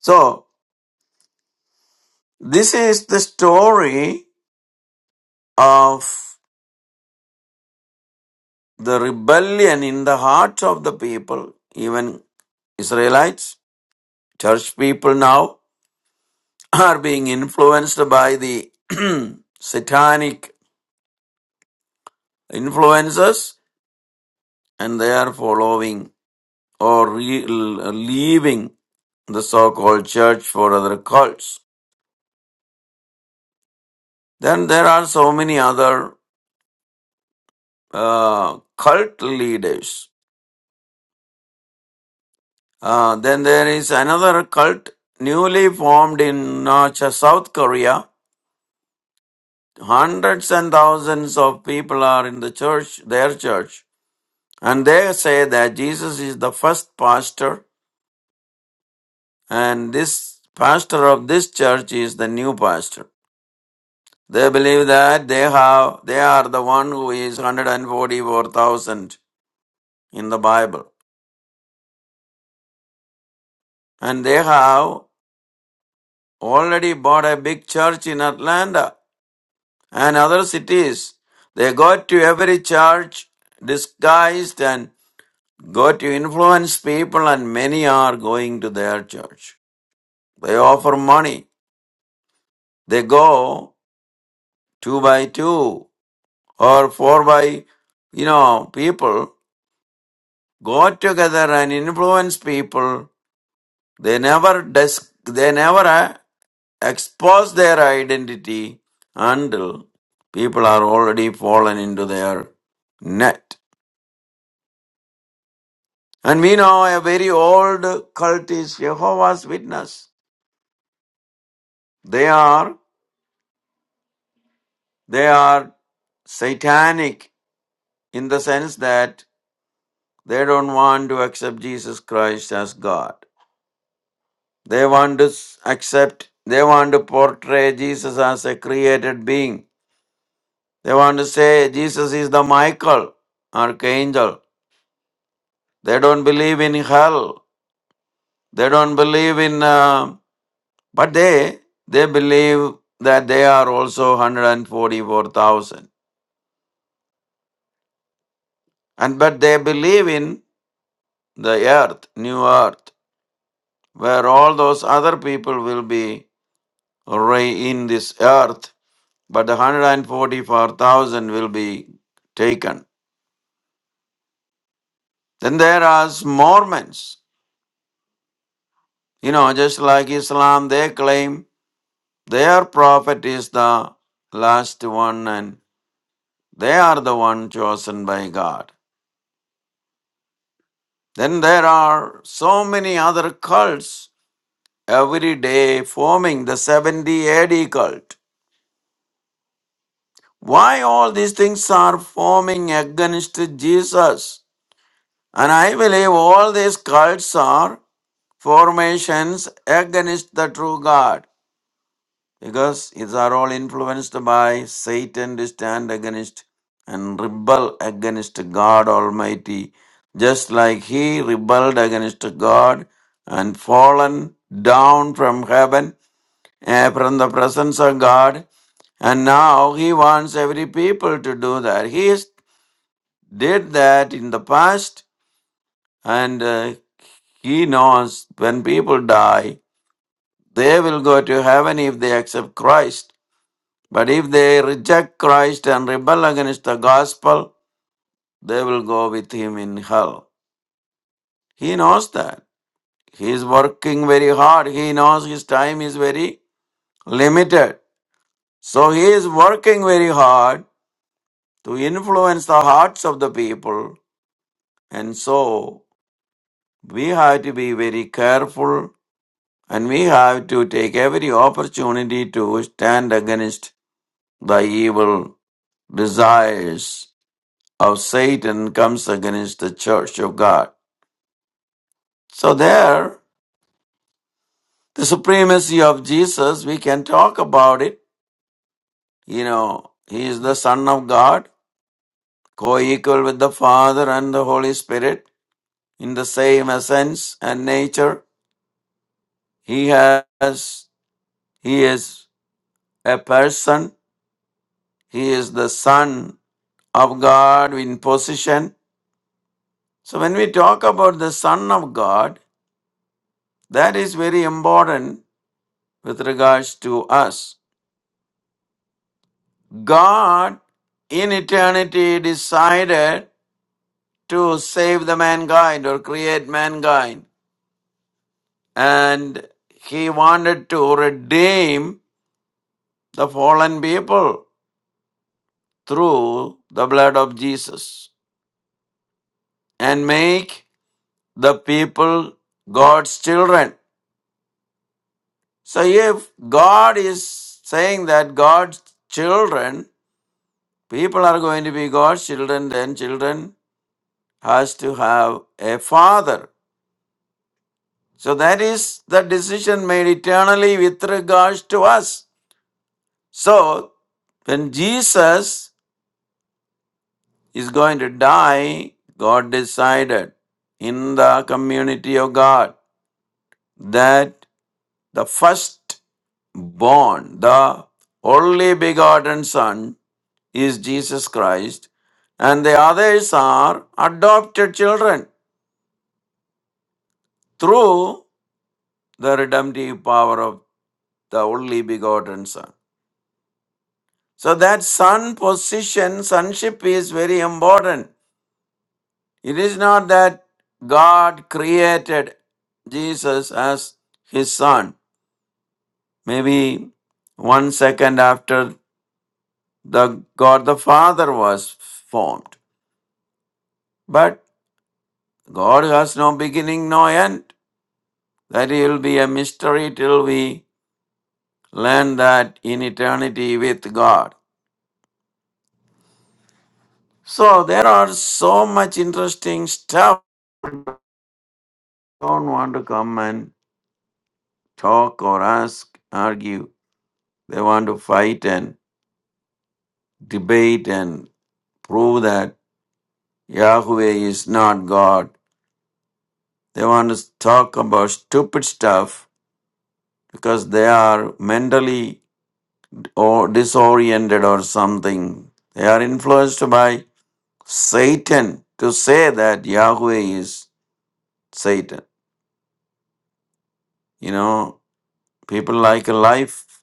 S1: So, this is the story of the rebellion in the hearts of the people, even Israelites, church people now, are being influenced by the satanic influences and they are following or re- leaving the so called church for other cults. Then there are so many other uh, cult leaders. Uh, then there is another cult newly formed in uh, South Korea hundreds and thousands of people are in the church, their church, and they say that Jesus is the first pastor, and this pastor of this church is the new pastor. They believe that they have they are the one who is 144,000 in the Bible, and they have already bought a big church in Atlanta and other cities. They go to every church disguised and Go to influence people, and many are going to their church. They offer money. They go two by two or four by, you know, people go together and influence people. They never dis- they never uh, expose their identity until people are already fallen into their net. And we know a very old cult is Jehovah's Witness. They are. They are satanic in the sense that they don't want to accept Jesus Christ as God. They want to s- accept, they want to portray Jesus as a created being. They want to say Jesus is the Michael, archangel. They don't believe in hell. They don't believe in, uh, but they, they believe that they are also 144,000. And but they believe in the earth, new earth. where all those other people will be re- in this earth, but the 144,000 will be taken. Then there are Mormons. You know, just like Islam, they claim their prophet is the last one and they are the one chosen by God. Then there are so many other cults every day forming the 70 AD cult. Why all these things are forming against Jesus? And I believe all these cults are formations against the true God because these are all influenced by Satan to stand against and rebel against God Almighty, just like he rebelled against God and fallen down from heaven, eh, from the presence of God. And now he wants every people to do that. He is- did that in the past and uh, He knows when people die, they will go to heaven if they accept Christ. But if they reject Christ and rebel against the gospel, they will go with him in hell. He knows that. He is working very hard. He knows his time is very limited. So he is working very hard to influence the hearts of the people. And so we have to be very careful and we have to take every opportunity to stand against The evil desires of Satan comes against the church of God. So there, the supremacy of Jesus, we can talk about it. You know, he is the Son of God, co-equal with the Father and the Holy Spirit in the same essence and nature. He has, he is a person. He is the Son of God in position. So when we talk about the Son of God, That is very important with regards to us. God in eternity decided to save the mankind or create mankind, and He wanted to redeem the fallen people through the blood of Jesus and make the people God's children. So, if God is saying that God's children, people are going to be God's children, then children has to have a father. So that is the decision made eternally with regards to us. So when Jesus is going to die, God decided in the community of God that the first born, the only begotten son is Jesus Christ and the others are adopted children through the redemptive power of the only begotten Son. So that son position, sonship is very important. It is not that God created Jesus as his son. Maybe one second after the God the Father was formed. But God has no beginning, no end. That will be a mystery till we learn that in eternity with God. So there are so much interesting stuff don't want to come and talk or ask, argue. They want to fight and debate and prove that Yahweh is not God. They want to talk about stupid stuff because they are mentally or disoriented or something. They are influenced by Satan to say that Yahweh is Satan. You know, people like life,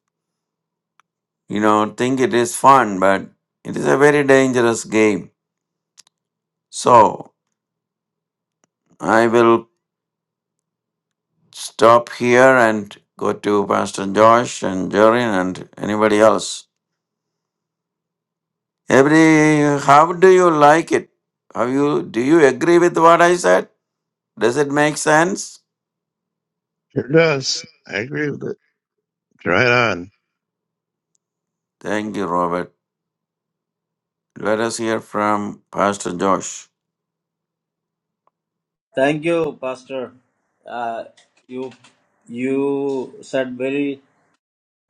S1: you know, think it is fun, but it is a very dangerous game So I will stop here and go to Pastor Josh and Jorin and anybody else. Every how do you like it? How you do you agree with what I said? Does it make sense?
S3: Sure does. I agree with it. Right on.
S1: Thank you, Robert. Let us hear from Pastor Josh.
S4: Thank you, Pastor. Uh, you you said very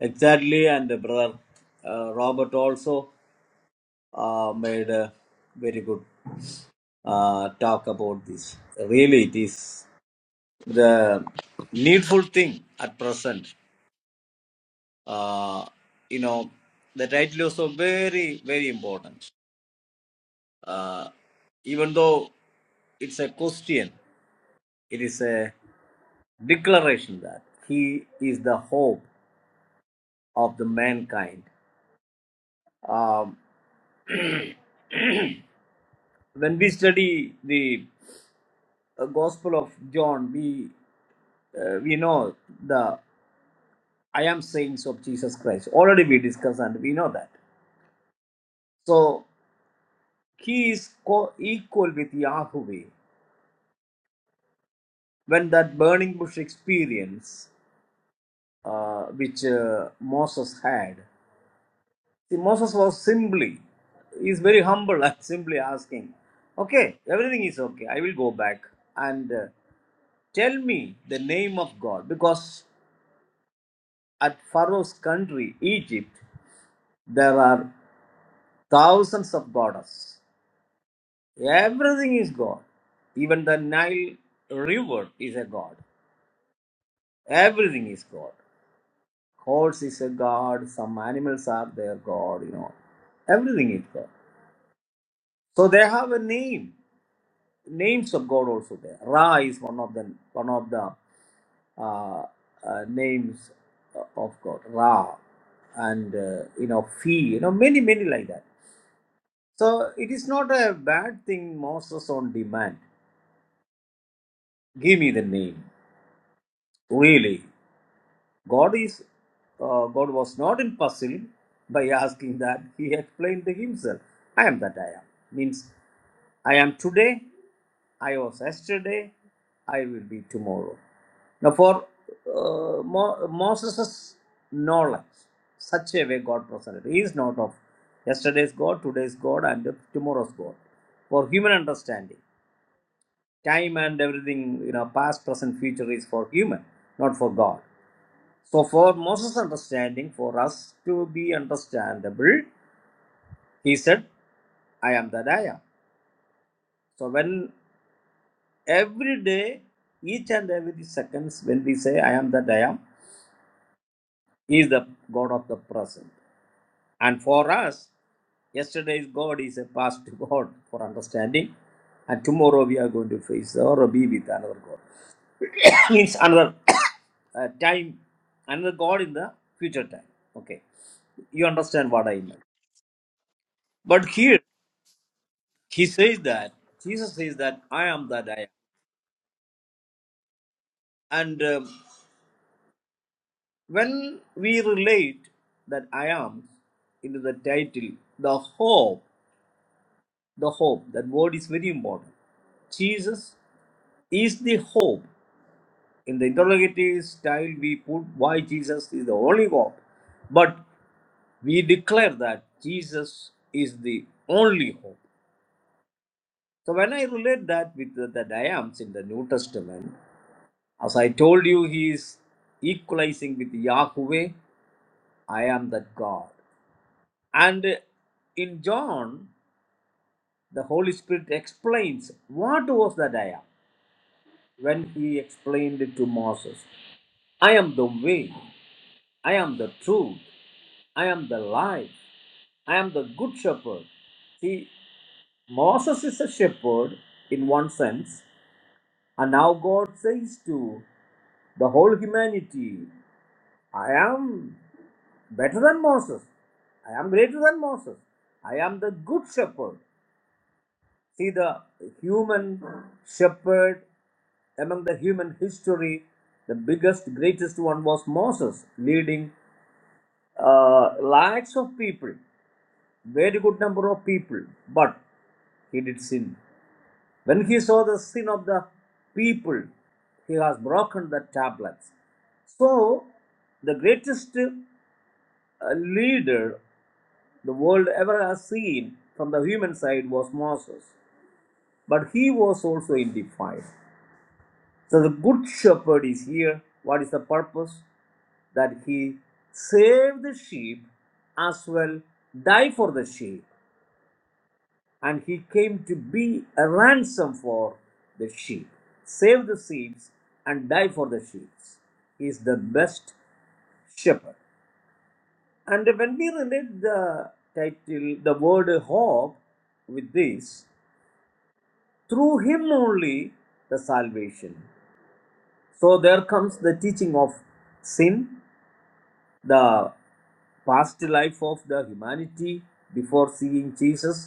S4: exactly, and the Brother uh, Robert also uh, made a very good uh, talk about this. Really, it is the needful thing at present. Uh, you know, the title is also very, very important. Uh, even though it's a question, it is a declaration that he is the hope of the mankind. Um, when we study the uh, Gospel of John, we uh, we know the I am sayings of Jesus Christ. Already we discussed and we know that. So he is co- equal with Yahweh. When that burning bush experience, uh, which uh, Moses had, See, Moses was simply, he is very humble and simply asking, Okay, everything is okay. I will go back and uh, tell me the name of God. Because at Pharaoh's country, Egypt, there are thousands of goddess. Everything is God. Even the Nile River is a God. Everything is God. Horse is a God. Some animals are their God, you know. Everything is God. So they have a name. names of God also there. Ra is one of the one of the uh, uh, names of God. Ra and uh, you know Fi, you know many many like that. So it is not a bad thing. Moses on demand. Give me the name. Really. God is uh, God was not in puzzle by asking that he explained to himself. I am that I am means I am today, I was yesterday, I will be tomorrow. Now for uh, Mo- Moses' knowledge, such a way God presented. He is not of yesterday's God, today's God, and tomorrow's God. For human understanding, time and everything, you know, past, present, future is for human, not for God so, for Moses' understanding, for us to be understandable, he said, I am that I am. So, when every day, each and every seconds, when we say, I am that I am, he is the God of the present. And for us, yesterday's God is a past God for understanding. And tomorrow we are going to face or be with another God. Means another uh, time, another God in the future time. Okay. You understand what I meant. But here, He says that Jesus says that I am that I am, and um, when we relate that I am into the title, the hope, the hope. That word is very important. Jesus is the hope. In the interrogative style, we put why Jesus is the only hope, but we declare that Jesus is the only hope. So when I relate that with the, that I am in the New Testament, As I told you, he is equalizing with Yahweh. I am that God. And in John, the Holy Spirit explains what was that I am when he explained it to Moses. I am the way, I am the truth, I am the life, I am the good shepherd. See, Moses is a shepherd in one sense, and now God says to the whole humanity, I am better than Moses. I am greater than Moses. I am the good shepherd. See, the human shepherd among the human history, the biggest, greatest one was Moses, leading uh, lakhs of people, very good number of people, but he did sin. When he saw the sin of the people, he has broken the tablets. So, the greatest uh, leader the world ever has seen from the human side was Moses. But he was also in the fire. So the good shepherd is here. What is the purpose? That he saved the sheep as well, die for the sheep. And he came to be a ransom for the sheep. Save the sheep and die for the sheep. He is the best shepherd. And when we relate the title, the word hope with this, through him only the salvation so there comes the teaching of sin the past life of the humanity before seeing jesus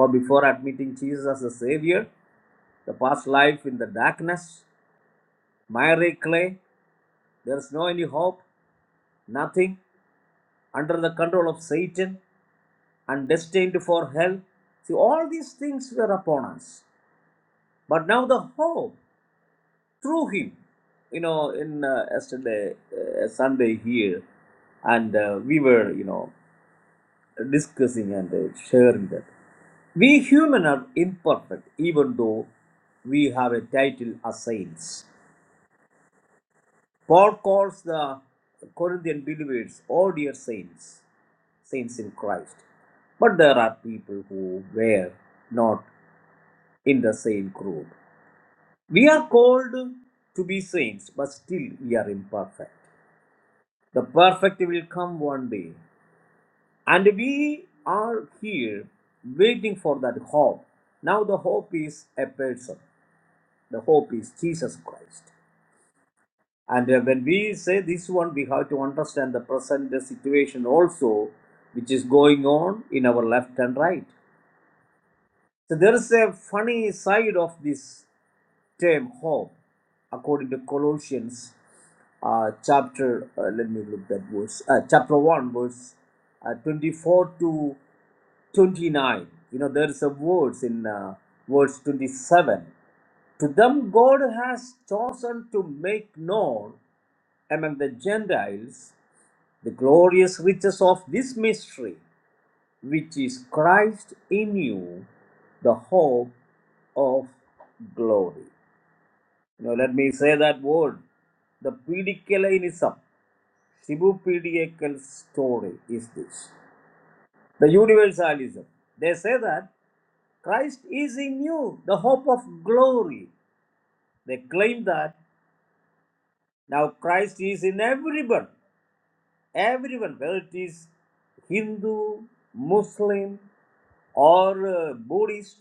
S4: or before admitting jesus as a savior the past life in the darkness miry clay there is no any hope nothing under the control of satan and destined for hell see all these things were upon us but now the hope through him. You know, in uh, yesterday uh, Sunday here, and uh, we were you know discussing and uh, sharing that we human are imperfect, even though we have a title as saints. Paul calls the Corinthian believers all dear saints, saints in Christ. But there are people who were not in the same group. We are called to be saints, but still we are imperfect. The perfect will come one day. And we are here waiting for that hope. Now, the hope is a person, the hope is Jesus Christ. And uh, when we say this one, we have to understand the present situation also, which is going on in our left and right. So, there is a funny side of this same hope according to Colossians uh, chapter, uh, let me look that verse, uh, chapter 1, verse uh, 24 to 29. You know, there is a verse in uh, verse 27. To them God has chosen to make known among the Gentiles the glorious riches of this mystery, which is Christ in you, the hope of glory. Now let me say that word. The Pedicalianism, Shibu Pedical story is this. The universalism. They say that Christ is in you, the hope of glory. They claim that now Christ is in everyone, everyone, whether it is Hindu, Muslim, or uh, Buddhist,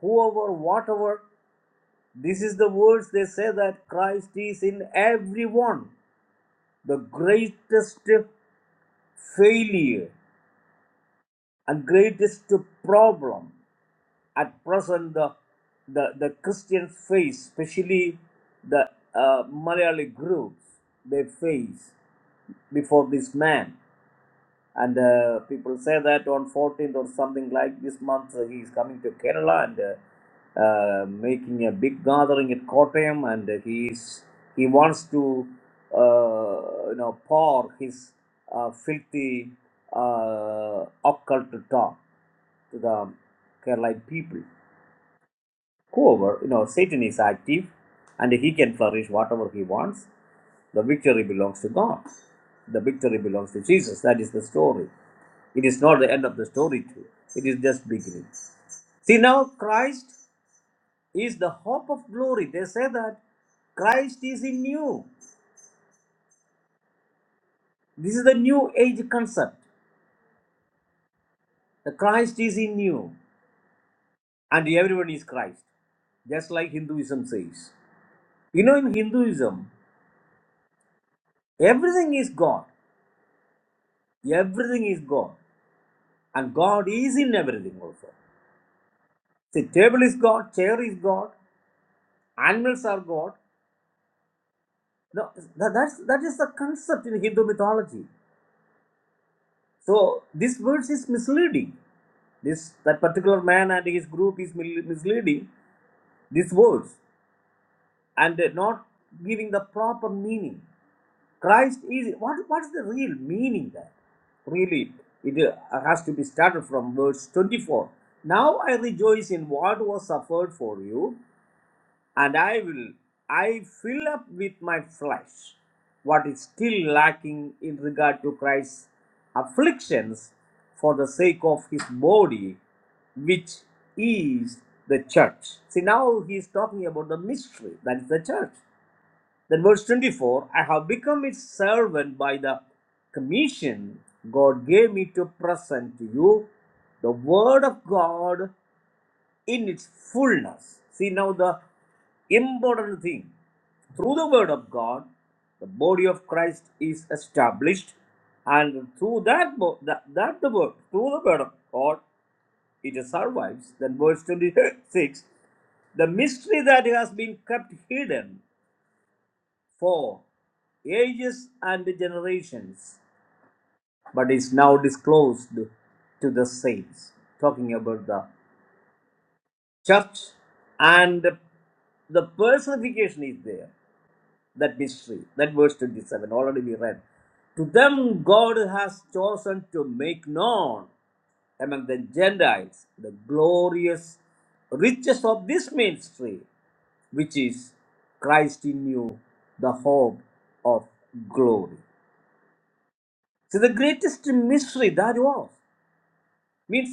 S4: whoever, whatever. This is the words they say that Christ is in everyone. The greatest failure and greatest problem at present the, the, the Christian face, especially the uh, Malayali groups, they face before this man and uh, people say that on 14th or something like this month uh, he is coming to kerala and uh, uh, making a big gathering at kottayam and uh, he is he wants to uh, you know pour his uh, filthy uh, occult talk to the kerala people However, you know, Satan is active and he can flourish whatever he wants. The victory belongs to God. The victory belongs to Jesus. That is the story. It is not the end of the story too. It is just beginning. See now Christ is the hope of glory. They say that Christ is in you. This is the new age concept. The Christ is in you. And everyone is Christ. Just like Hinduism says. You know in Hinduism, everything is God. Everything is God. And God is in everything also. See, table is God, chair is God, animals are God. No, that, that's, that is the concept in Hindu mythology. So this verse is misleading. This that particular man and his group is misleading these words and not giving the proper meaning. Christ is what? What is the real meaning there? Really, it uh, has to be started from verse 24. Now I rejoice in what was suffered for you and I will I fill up with my flesh what is still lacking in regard to Christ's afflictions for the sake of his body, which is the church. See now he is talking about the mystery, that is the church. Then verse 24, I have become its servant by the commission God gave me to present to you the word of God in its fullness. See now the important thing. Through the word of God, the body of Christ is established, and through that bo- that, that the word, through the word of God, it survives. Then verse 26, the mystery that has been kept hidden for ages and generations, but is now disclosed to the saints. Talking about the church and the personification is there that mystery that verse 27 already we read to them god has chosen to make known among the gentiles the glorious riches of this mystery which is christ in you the hope of glory so the greatest mystery that was means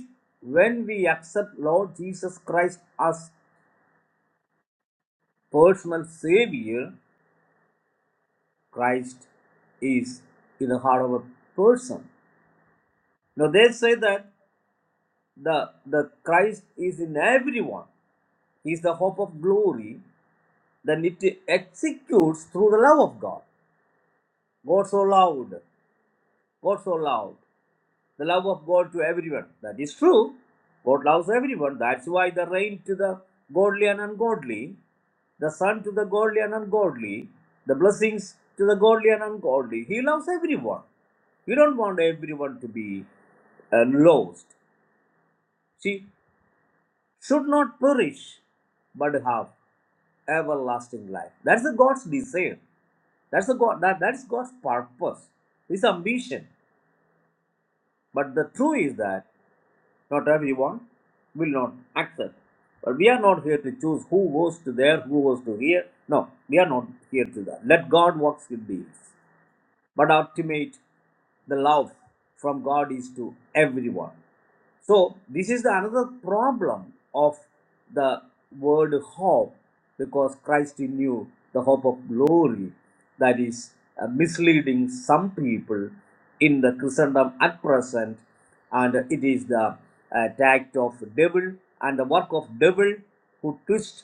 S4: when we accept lord jesus christ as personal savior Christ is in the heart of a person. Now they say that the the Christ is in everyone. He is the hope of glory. Then it executes through the love of God. God so loved, God so loved, the love of God to everyone. That is true. God loves everyone. That's why the rain to the godly and ungodly, the sun to the godly and ungodly, the blessings to the godly and ungodly. He loves everyone. You don't want everyone to be and lost. She should not perish, but have everlasting life. That's the God's desire. That's the God that, that's God's purpose, His ambition. But the truth is that not everyone will not accept. But we are not here to choose who goes to there, who goes to here. No, we are not here to that. Let God works with these. but ultimate the love from god is to everyone so this is the another problem of the word hope because Christ in you, the hope of glory, that is uh, misleading some people in the Christendom at present, and it is the uh, tact of devil and the work of devil who twist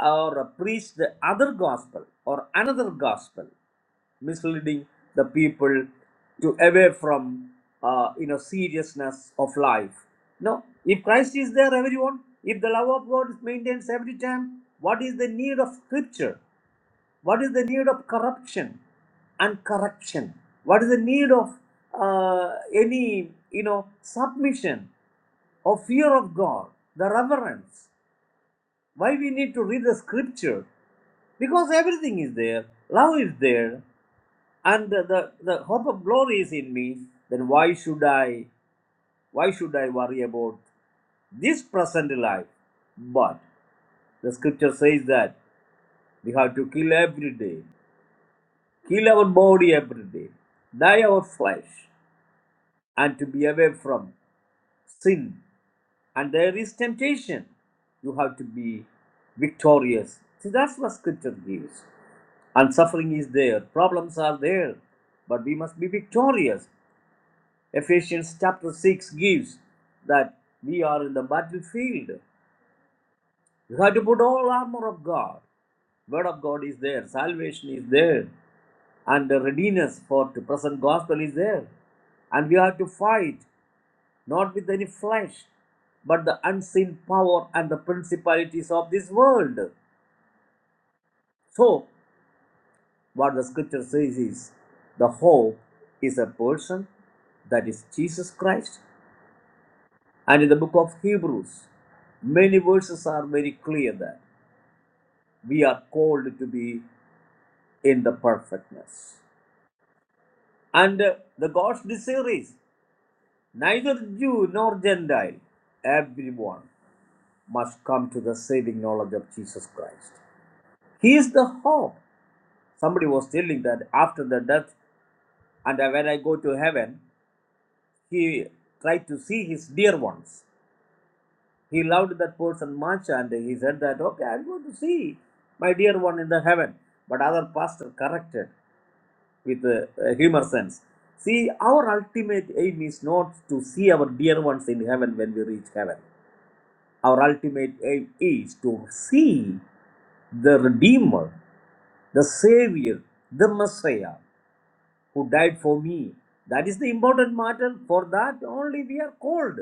S4: or preach the other gospel or another gospel misleading the people to away from uh, you know seriousness of life no if christ is there everyone if the love of god is maintained every time what is the need of scripture what is the need of corruption and correction what is the need of uh, any you know submission or fear of god the reverence why we need to read the scripture because everything is there love is there and the, the, the hope of glory is in me, then why should I why should I worry about this present life? But the scripture says that we have to kill every day, kill our body every day, die our flesh, and to be away from sin. And there is temptation. You have to be victorious. See, that's what scripture gives. And suffering is there, problems are there, but we must be victorious. Ephesians chapter 6 gives that we are in the battlefield. You have to put all armor of God. Word of God is there, salvation is there, and the readiness for the present gospel is there. And we have to fight not with any flesh, but the unseen power and the principalities of this world. So, what the scripture says is the hope is a person, that is Jesus Christ, And in the book of Hebrews, many verses are very clear that we are called to be in the perfectness. And uh, the God's desire is neither Jew nor Gentile, everyone must come to the saving knowledge of Jesus Christ. He is the hope. Somebody was telling that after the death, and when I go to heaven, he tried to see his dear ones. He loved that person much and he said that, okay, I'm going to see my dear one in the heaven. But other pastor corrected with uh, uh, humor sense. See, our ultimate aim is not to see our dear ones in heaven when we reach heaven. Our ultimate aim is to see the Redeemer, the Savior, the Messiah who died for me. That is the important matter. For that only we are called.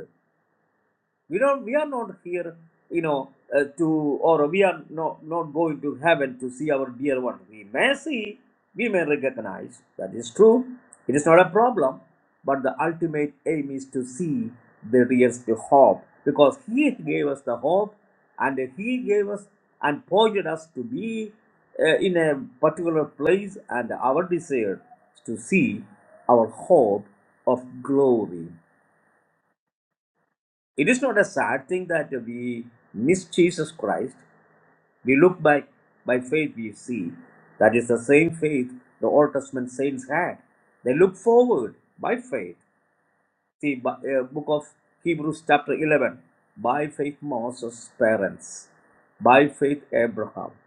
S4: we don't we are not here you know uh, to or we are not not going to heaven to see our dear one we may see we may recognize that is true it is not a problem but the ultimate aim is to see the real hope because he gave us the hope and he gave us and pointed us to be uh, in a particular place and our desire is to see our hope of glory it is not a sad thing that we miss Jesus Christ. We look by, by faith we see. That is the same faith the Old Testament saints had. They look forward by faith. See, bu- uh, book of Hebrews chapter 11. By faith Moses' parents. By faith Abraham.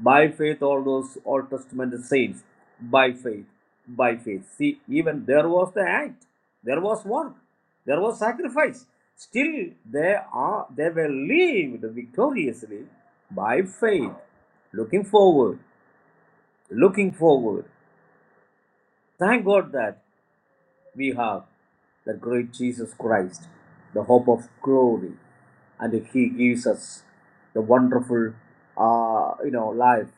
S4: By faith, all those Old Testament saints, by faith, by faith. See, even there was the act, there was work, there was sacrifice. Still, they are they were lived victoriously by faith, looking forward, looking forward. Thank God that we have the great Jesus Christ, the hope of glory, and He gives us the wonderful, uh, you know, life,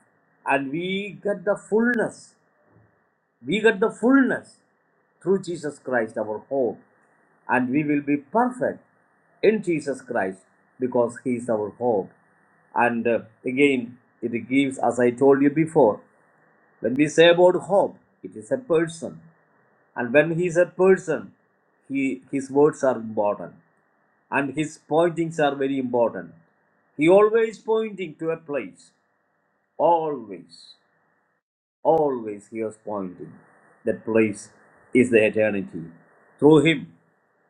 S4: and we get the fullness. We get the fullness through Jesus Christ, our hope, and we will be perfect in Jesus Christ because He is our hope. And uh, again, it gives, as I told you before, when we say about hope, it is a person. And when he is a person, he, his words are important and his pointings are very important. He always pointing to a place. Always, always he was pointing. That place is the eternity. Through him,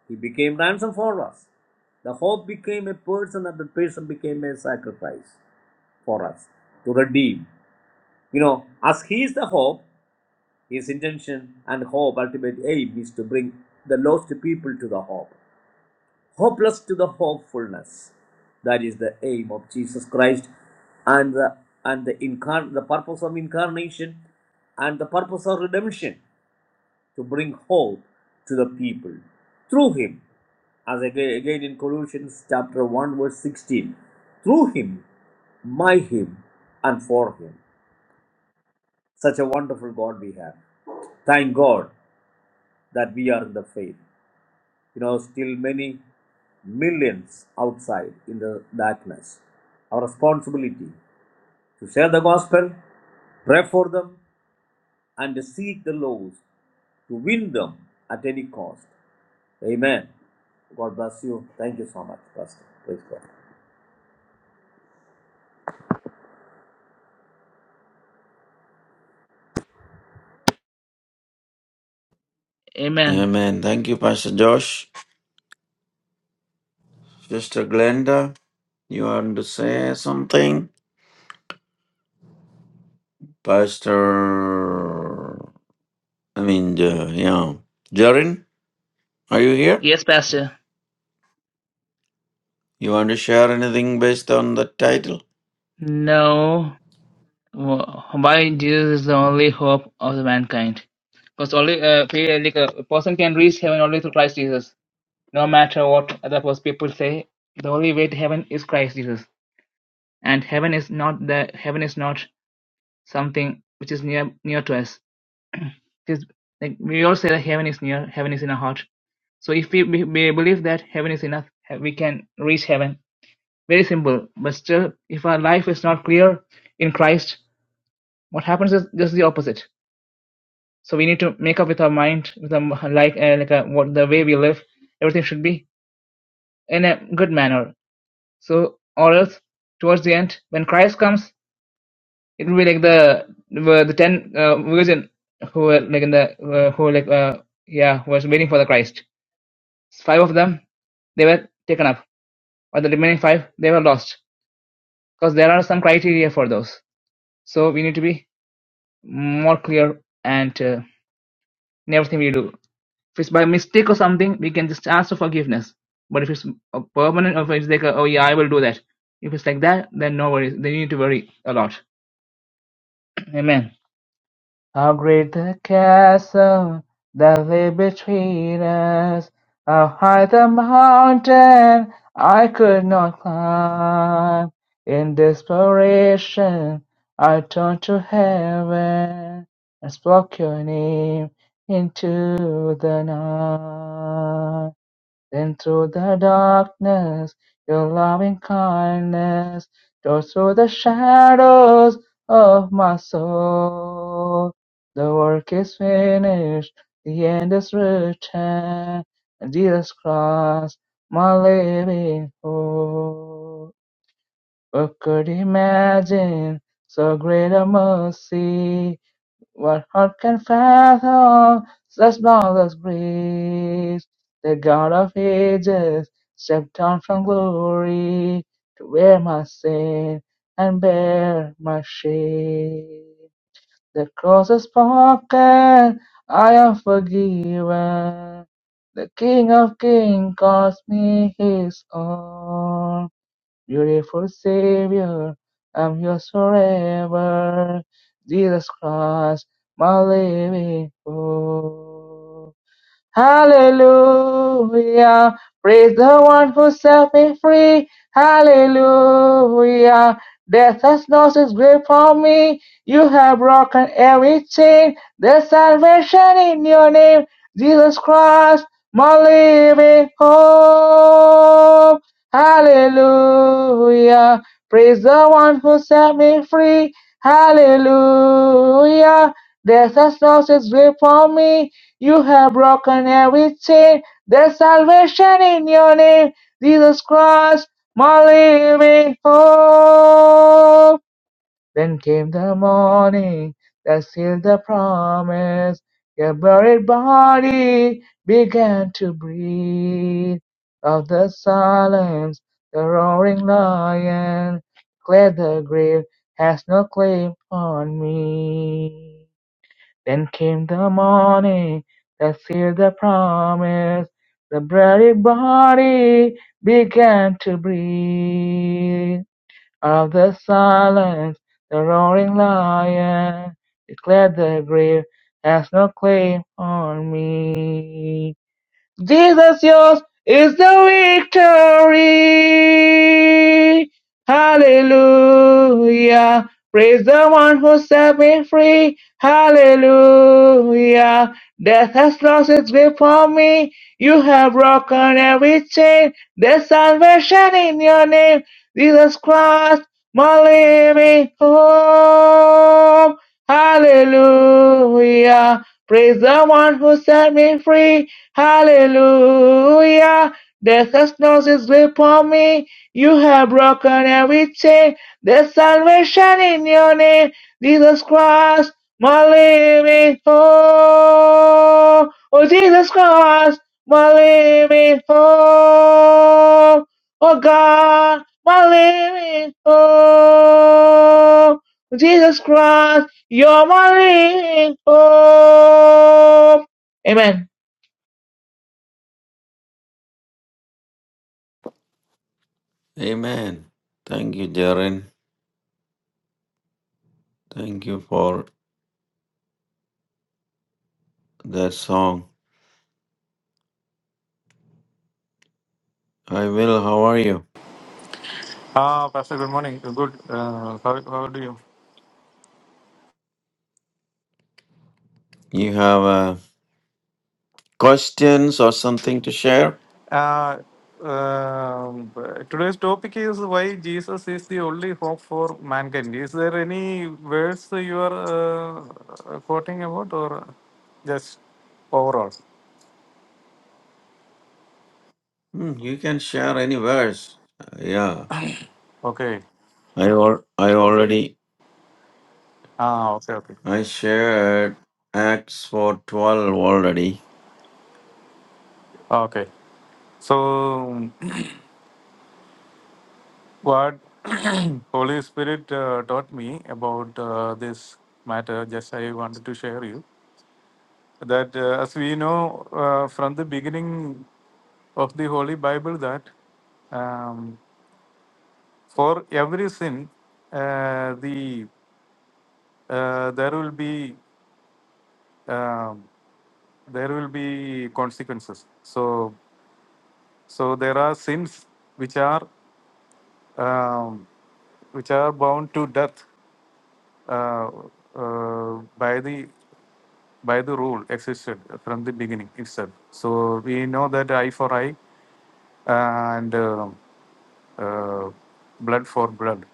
S4: he became ransom for us. The hope became a person and the person became a sacrifice for us to redeem. You know, as he is the hope, his intention and hope, ultimate aim is to bring the lost people to the hope. hopeless to the hopefulness. That is the aim of Jesus Christ and the and the incarn the purpose of incarnation and the purpose of redemption to bring hope to the people through him as again, again in Colossians chapter 1 verse 16 through him by him and for him such a wonderful God we have thank God that we are in the faith you know, still many millions outside in the darkness. Our responsibility to share the gospel, pray for them, and seek the lost to win them at any cost. Amen. God bless you. Thank you so much, Pastor. Praise God.
S2: Amen.
S1: Amen. Thank you, Pastor Josh. Sister Glenda, you want to say something? Pastor I mean uh, yeah. Jorin, are you here?
S2: Yes, Pastor.
S1: You want to share anything based on the title?
S2: No, why Jesus is the only hope of the mankind. Because only uh, like a person can reach heaven only through Christ Jesus. No matter what other people say, the only way to heaven is Christ Jesus. And heaven is not the heaven is not something which is near near to us is like we all say that heaven is near, heaven is in our heart. So if we, we we believe that heaven is enough, he- we can reach heaven. Very simple. But still, if our life is not clear in Christ, what happens is just the opposite. So we need to make up with our mind, with our m- like uh, like uh what the way we live, everything should be in a good manner. So or else, towards the end, when Christ comes, it will be like the the the ten uh, virgin who were like in the uh, who like uh, yeah was waiting for the Christ Five of them, they were taken up, but the remaining five, they were lost. Because there are some criteria for those. So we need to be more clear and uh, in everything we do. If it's by mistake or something, we can just ask for forgiveness. But if it's a permanent, or if it's like, a, oh yeah, I will do that. If it's like that, then no worries. They need to worry a lot. Amen. How great the chasm that lay between us! How high the mountain I could not climb! In desperation, I turned to heaven and spoke your name into the night. Then through the darkness, your loving kindness tore through the shadows of my soul. The work is finished, the end is written, and Jesus Christ, my living hope. Who could imagine so great a mercy? What heart can fathom such marvelous grace? The God of ages stepped down from glory to wear my sin and bear my shame. The cross is spoken, I am forgiven. The King of kings calls me his own. Beautiful Savior, I'm yours forever. Jesus Christ, my living hope. Hallelujah. Praise the one who set me free. Hallelujah. Death has lost its grip on me. You have broken every chain. There's salvation in your name. Jesus Christ, my living hope. Hallelujah. Praise the one who set me free. Hallelujah. Death has lost its grip on me. You have broken every chain. There's salvation in your name. Jesus Christ, my living hope. Then came the morning that sealed the promise. Your buried body began to breathe. Of the silence, the roaring lion, cleared the grave, has no claim on me. Then came the morning that sealed the promise. The bloody body began to breathe. Out of the silence, the roaring lion declared the grave has no claim on me. Jesus, yours is the victory. Hallelujah. Praise the one who set me free. Hallelujah. Death has lost its grip on me. You have broken every chain. There's salvation in your name. Jesus Christ, my living hope. Hallelujah. Praise the one who set me free. Hallelujah. Death has no sleep on me. You have broken every chain. There's salvation in your name. Jesus Christ, my living hope. Oh, Jesus Christ, my living hope. Oh, God, my living hope. Jesus Christ, you're my living hope. Amen.
S1: Amen. Thank you, Jaren. Thank you for that song. I will. How are you?
S5: Ah, Pastor, good morning. Good. Uh, how, how do you?
S1: You have uh, questions or something to share?
S5: Uh, um, today's topic is why Jesus is the only hope for mankind. Is there any verse you are uh, quoting about or just overall?
S1: Hmm, you can share any verse. Uh, yeah.
S5: Okay.
S1: I al- I already
S5: Ah, okay, okay.
S1: I shared Acts four twelve already.
S5: Okay. So, what Holy Spirit uh, taught me about uh, this matter, just I wanted to share you. that uh, as we know uh, from the beginning of the holy bible that um, for every sin uh, the uh, there will be um, there will be consequences so so there are sins which are um, which are bound to death uh, uh, by the by the rule existed from the beginning itself. So we know that eye for eye and uh, uh, blood for blood.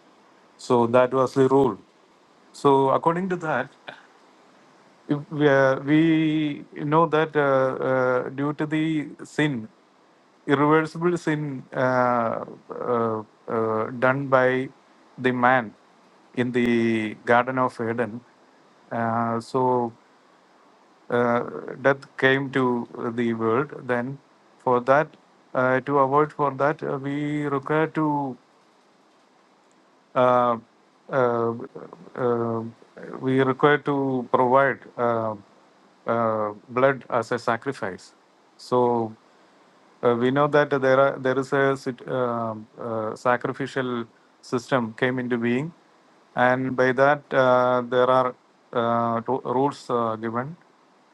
S5: So that was the rule. So according to that uh, we know that uh, uh, due to the sin, irreversible sin uh, uh, uh, done by the man in the Garden of Eden, uh, so uh, death came to the world. Then, for that, uh, to avoid for that, uh, we require to uh, uh, uh, we are required to provide uh, uh, blood as a sacrifice. So uh, we know that there are there is a sit- um uh, sacrificial system came into being, and by that uh, there are uh, to- rules uh, given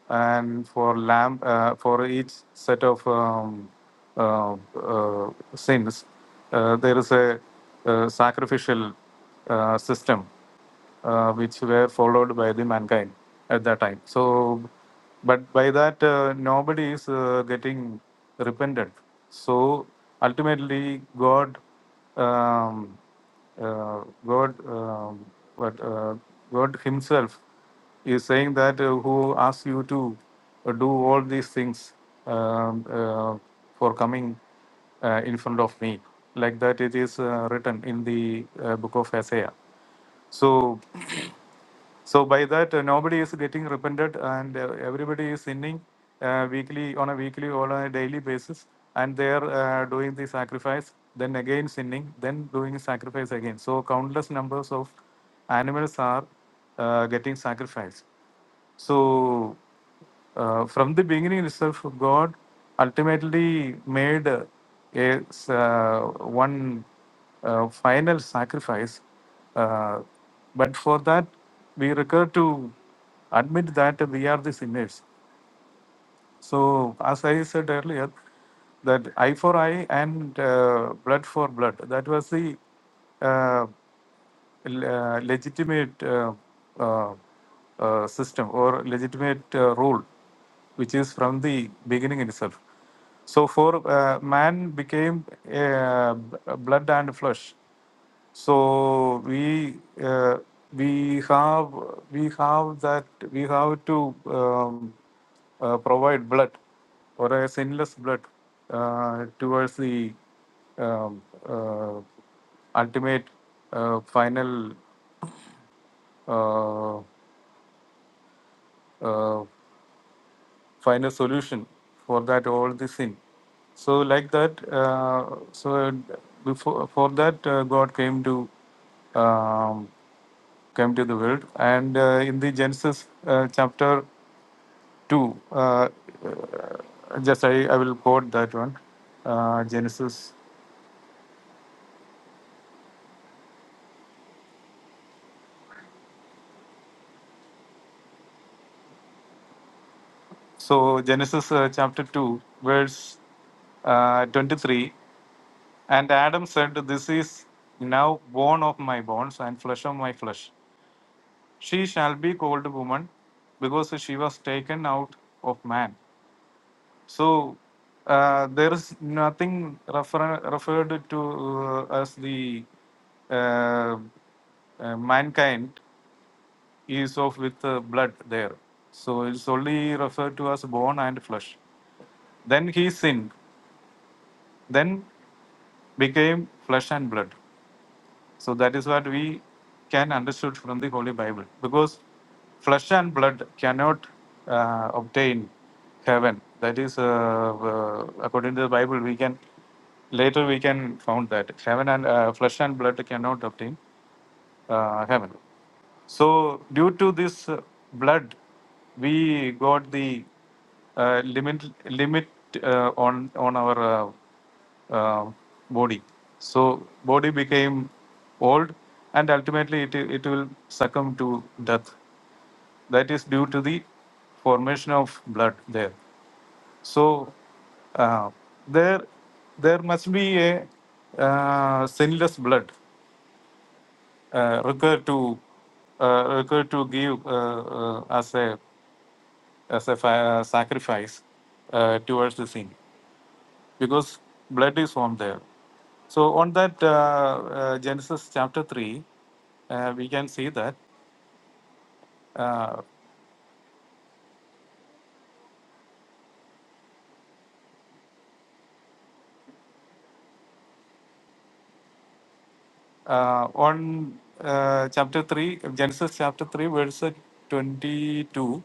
S5: and for lamb uh, for each set of um, uh, uh, sins uh, there is a, uh sacrificial uh, system uh, which were followed by the mankind at that time so but by that uh, nobody is uh, getting repentant so ultimately god um, uh, god um, but uh, god himself is saying that uh, who asks you to uh, do all these things um, uh, for coming uh, in front of me like that it is uh, written in the uh, book of isaiah so so by that, uh, nobody is getting repented, and uh, everybody is sinning uh, weekly on a weekly or on a daily basis, and they are uh, doing the sacrifice, then again sinning, then doing sacrifice again. So countless numbers of animals are uh, getting sacrificed. So uh, from the beginning itself, God ultimately made uh, a s- uh, one uh, final sacrifice, uh, but for that we recur to admit that we are the sinners so, as I said earlier, that eye for eye and uh, blood for blood, that was the uh, l- uh, legitimate uh, uh, uh, system or legitimate uh, rule, which is from the beginning itself. So, for uh, man became uh, b- blood and flesh, so we uh, we have we have that we have to um, uh, provide blood or a sinless blood uh, towards the um, uh, ultimate uh, final uh, uh, find a solution for that all the sin. So like that, uh, so before for that uh, God came to um, came to the world, and uh, in the Genesis uh, chapter two, uh, uh, just I, I will quote that one, uh, Genesis. So Genesis uh, chapter two, verse uh, twenty three. And Adam said, This is now bone of my bones and flesh of my flesh. she shall be called woman because she was taken out of man so uh, there is nothing refer- referred to uh, as the uh, uh, mankind is of with uh, blood there so it's only referred to as bone and flesh then he sinned then became flesh and blood So that is what we can understood from the Holy Bible, because flesh and blood cannot uh, obtain heaven. That is, uh, uh, according to the Bible, we can later we can found that heaven and uh, flesh and blood cannot obtain uh, heaven. So, due to this uh, blood, we got the uh, limit limit uh, on on our uh, uh, body. So, body became old, and ultimately it it will succumb to death. That is due to the formation of blood there. So, uh, there there must be a uh, sinless blood uh, recur to uh, recur to give uh, uh, as a as a fi- uh, sacrifice uh, towards the sin because blood is formed there so on that uh, uh, genesis chapter 3 uh, we can see that uh, uh, on uh, chapter 3 genesis chapter 3 verse 22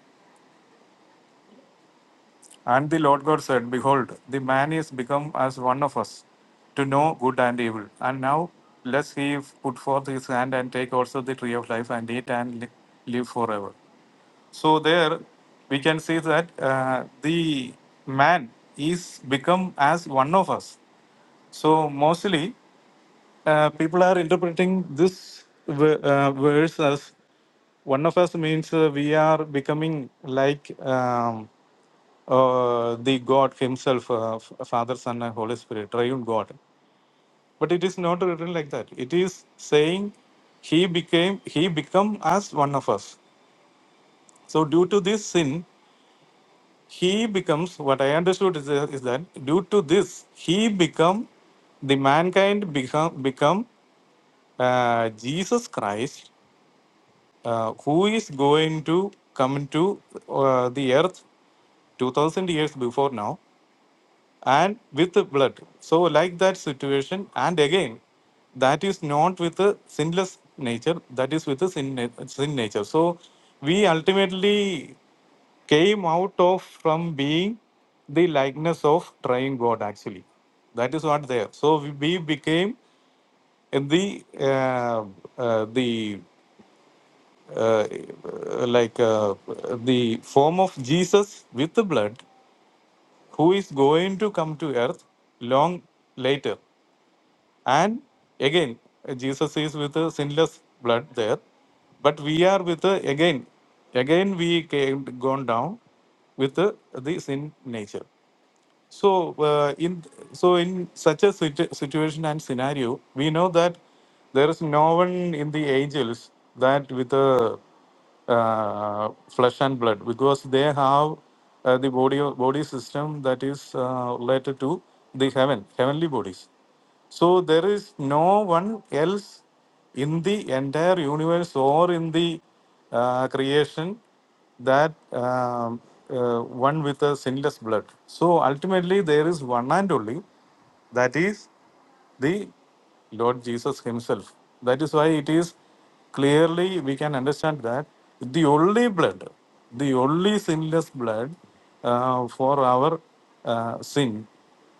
S5: And the Lord God said, Behold, the man is become as one of us, to know good and evil. And now lest he put forth his hand and take also the tree of life and eat and li- live forever. So there we can see that uh, the man is become as one of us. So mostly uh, people are interpreting this v- uh, verse as one of us means uh, we are becoming like um, uh, the God Himself, uh, F- Father, Son, and Holy Spirit, Triune God. But it is not written like that. It is saying He became He become as one of us. So due to this sin, he becomes what i understood is, uh, is that due to this he become the mankind become become uh, jesus christ uh, who is going to come to uh, the earth 2000 years before now and with the blood. So, like that situation, and again, that is not with the sinless nature, that is with the sin, na- sin nature. So, we ultimately came out of from being the likeness of trying God, actually. That is what there. So, we, we became in the uh, uh, the uh, like uh, the form of Jesus with the blood who is going to come to earth long later. And again, Jesus is with a sinless blood there, but we are with a, again, again we came gone down with the, the sin nature. So uh, in so in such a situ- situation and scenario, we know that there is no one in the angels that with a uh, flesh and blood because they have uh, the body body system that is uh, related to the heaven heavenly bodies. So there is no one else in the entire universe or in the uh, creation that um, uh, one with a sinless blood. So ultimately, there is one and only, that is the Lord Jesus Himself. That is why it is clearly we can understand that the only blood, the only sinless blood uh, for our uh, sin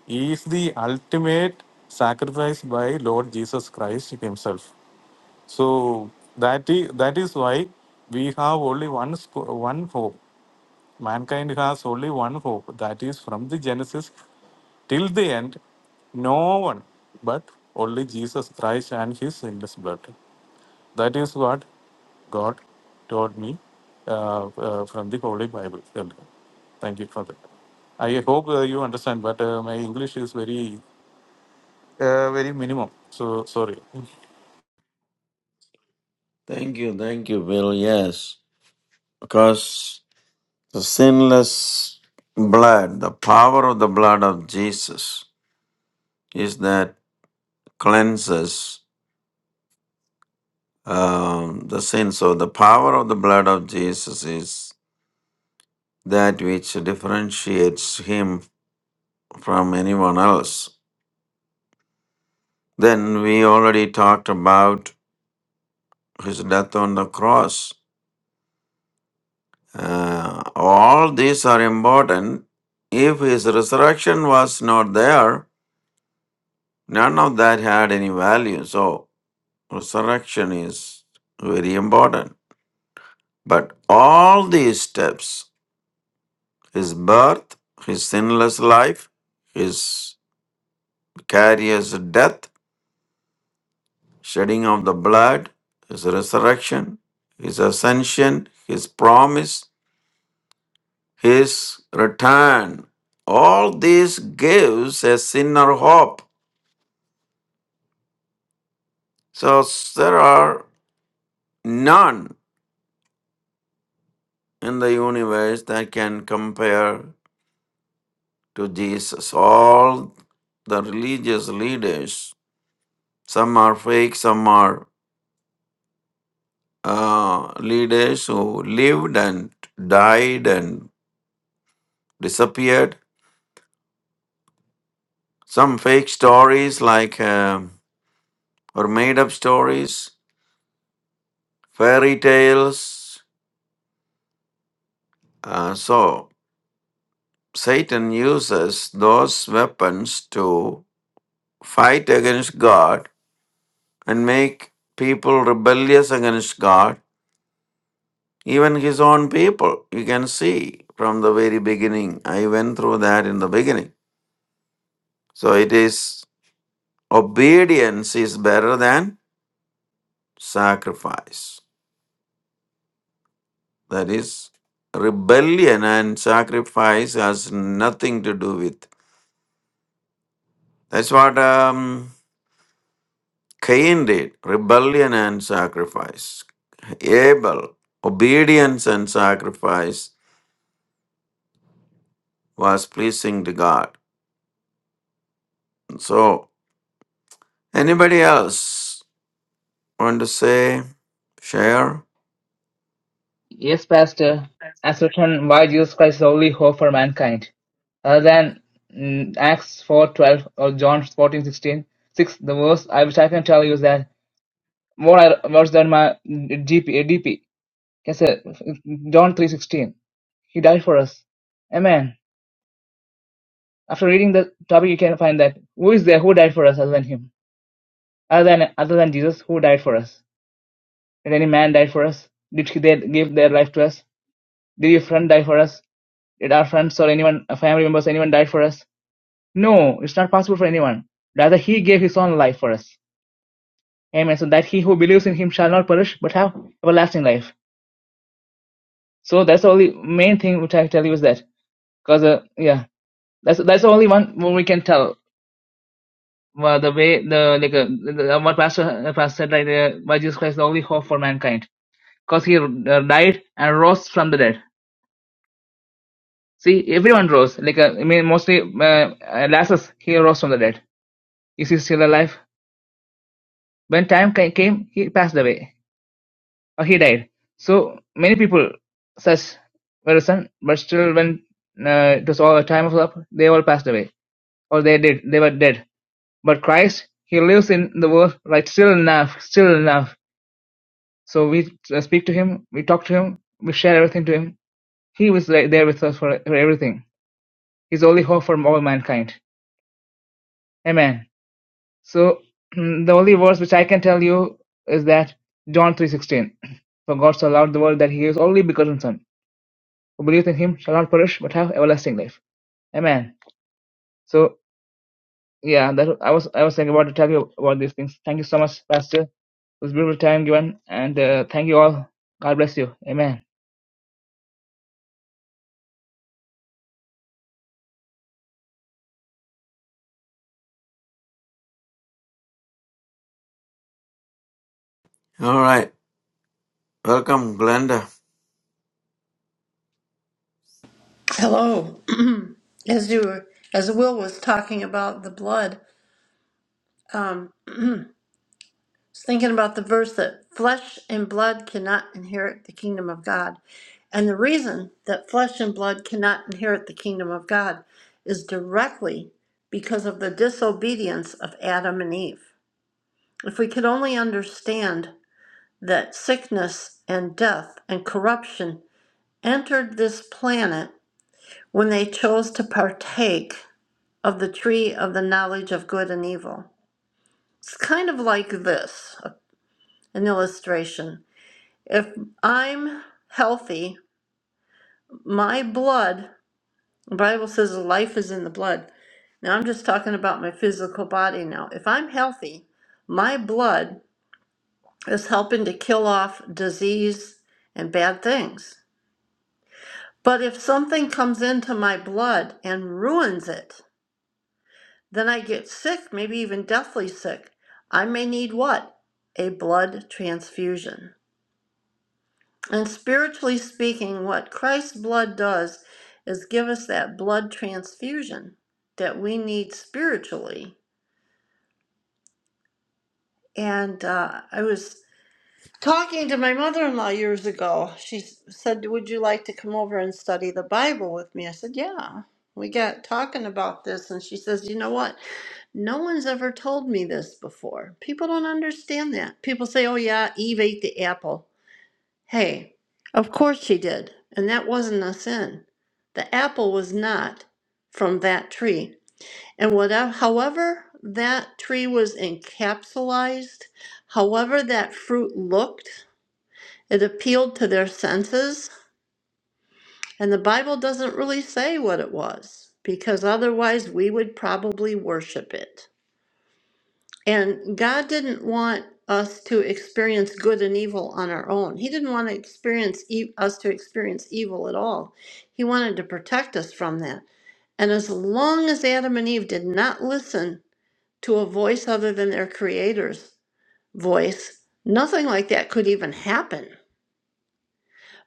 S5: is the ultimate sacrifice by Lord Jesus Christ Himself. So that is that is why we have only one sco- one hope. Mankind has only one hope. That is from the Genesis till the end, no one but only Jesus Christ and His endless blood. That is what God told me uh, uh, from the Holy Bible. Thank you for that. I hope uh, you understand, but uh, my English is very uh, very minimum. So sorry.
S1: Thank you, thank you, Bill. Yes, because the sinless blood, the power of the blood of Jesus is that cleanses um, the sin. So the power of the blood of Jesus is that which differentiates him from anyone else. Then we already talked about his death on the cross. Uh, all these are important. If his resurrection was not there, none of that had any value. So resurrection is very important. But all these steps his birth, his sinless life, his vicarious death, shedding of the blood, his resurrection, his ascension, his promise, his return. All this gives a sinner hope. So there are none in the universe that can compare to Jesus. All the religious leaders, some are fake, some are uh, leaders who lived and died and disappeared. Some fake stories, like um or made up stories, fairy tales. Uh, so, Satan uses those weapons to fight against God and make people rebellious against God, even his own people. You can see from the very beginning. I went through that in the beginning. So, it is. Obedience is better than sacrifice. That is, rebellion and sacrifice has nothing to do with. That's what um, Cain did rebellion and sacrifice. Abel, obedience and sacrifice was pleasing to God. So, anybody else want to say, share?
S2: Yes, Pastor, ascertain why Jesus Christ is the only hope for mankind. Other than mm, Acts 4.12 or John fourteen sixteen six, the verse I, which I can tell you is that more I worse than my mm, DP, uh, DP. Yes, uh, John 3.16. He died for us. Amen. After reading the topic, you can find that who is there who died for us other than him? Other than other than Jesus, who died for us? Did any man die for us? Did he- they give their life to us? Did your friend die for us? Did our friends or anyone, uh, family members, anyone died for us? No, it's not possible for anyone. Rather, He gave His own life for us. Amen. So that he who believes in Him shall not perish, but have everlasting life. So that's the only main thing which I tell you is that. Because, uh, yeah, that's that's the only one where we can tell. Well, the way the like uh, the, what pastor uh, pastor said like, there, why Jesus Christ is the only hope for mankind, because he uh, died and rose from the dead. See, everyone rose. Like uh, I mean, mostly uh, uh, Lazarus, he rose from the dead. Is he still alive? When time ca- came, he passed away, or he died. So many people such were son, but still, when uh, it was all a time of love, they all passed away, or they did, they were dead. But Christ, he lives in the world, like still enough, still enough. So we uh, speak to him, we talk to him, we share everything to him. He was like, there with us for, for everything. He's the only hope for all mankind. Amen. So the only verse which I can tell you is that John three sixteen. For God so loved the world that he gave his only begotten Son. Who believes in him shall not perish but have everlasting life. Amen. So yeah, that I was I was thinking about to tell you about these things. Thank you so much, Pastor. It was a beautiful time given, and uh, thank you all. God bless you. Amen.
S1: All right. Welcome, Glenda.
S6: Hello. as you were- as Will was talking about the blood, um, I was thinking about the verse that flesh and blood cannot inherit the kingdom of God. And the reason that flesh and blood cannot inherit the kingdom of God is directly because of the disobedience of Adam and Eve. If we could only understand that sickness and death and corruption entered this planet when they chose to partake of the tree of the knowledge of good and evil. It's kind of like this an illustration. If I'm healthy, my blood, the Bible says life is in the blood. Now I'm just talking about my physical body now. If I'm healthy, my blood is helping to kill off disease and bad things. But if something comes into my blood and ruins it, Then I get sick, maybe even deathly sick. I may need what? A blood transfusion. And spiritually speaking, what Christ's blood does is give us that blood transfusion that we need spiritually. And uh, I was talking to my mother in law years ago. She s- said, Would you like to come over and study the Bible with me? I said, Yeah. We got talking about this, and she says, You know what? No one's ever told me this before. People don't understand that. People say, oh, yeah, Eve ate the apple. Hey, of course she did. And that wasn't a sin. The apple was not from that tree. And whatever, however, that tree was encapsulized, however, that fruit looked, it appealed to their senses. And the Bible doesn't really say what it was, because otherwise we would probably worship it. And God didn't want us to experience good and evil on our own. He didn't want to experience e- us to experience evil at all. He wanted to protect us from that. And as long as Adam and Eve did not listen to a voice other than their creator's voice, nothing like that could even happen.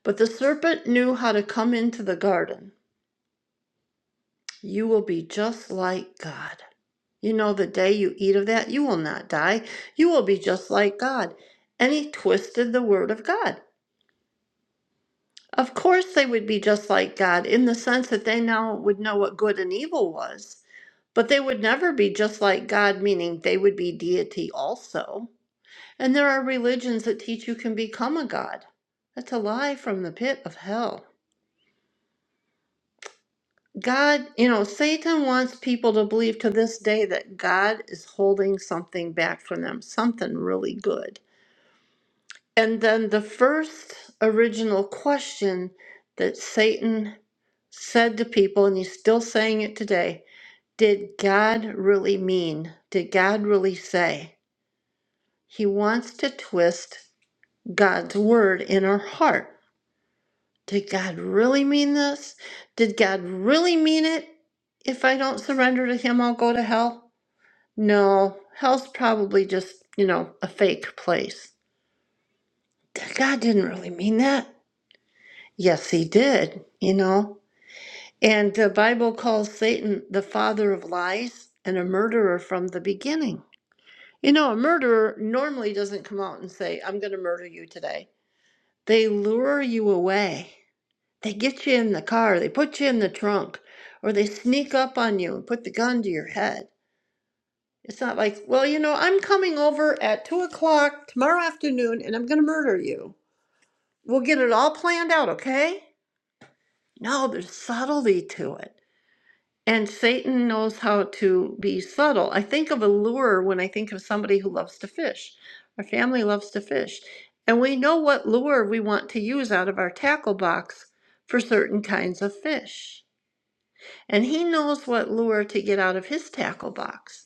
S6: But the serpent knew how to come into the garden. You will be just like God. You know, the day you eat of that, you will not die. You will be just like God. And he twisted the word of God. Of course, they would be just like God in the sense that they now would know what good and evil was, but they would never be just like God, meaning they would be deity also. And there are religions that teach you can become a God. That's a lie from the pit of hell. God, you know, Satan wants people to believe to this day that God is holding something back from them, something really good And then the first original question that Satan said to people, and he's still saying it today did God really mean? Did God really say? He wants to twist God's word in our heart. Did God really mean this? Did God really mean it? If I don't surrender to Him, I'll go to hell? No, hell's probably just, you know, a fake place. God didn't really mean that. Yes, he did, you know. And the Bible calls Satan the father of lies and a murderer from the beginning. You know, a murderer normally doesn't come out and say, I'm going to murder you today. They lure you away. They get you in the car, they put you in the trunk, or they sneak up on you and put the gun to your head. It's not like, well, you know, I'm coming over at two o'clock tomorrow afternoon and I'm going to murder you. We'll get it all planned out, okay? No, there's subtlety to it And Satan knows how to be subtle. I think of a lure when I think of somebody who loves to fish. Our family loves to fish. And we know what lure we want to use out of our tackle box for certain kinds of fish. And he knows what lure to get out of his tackle box.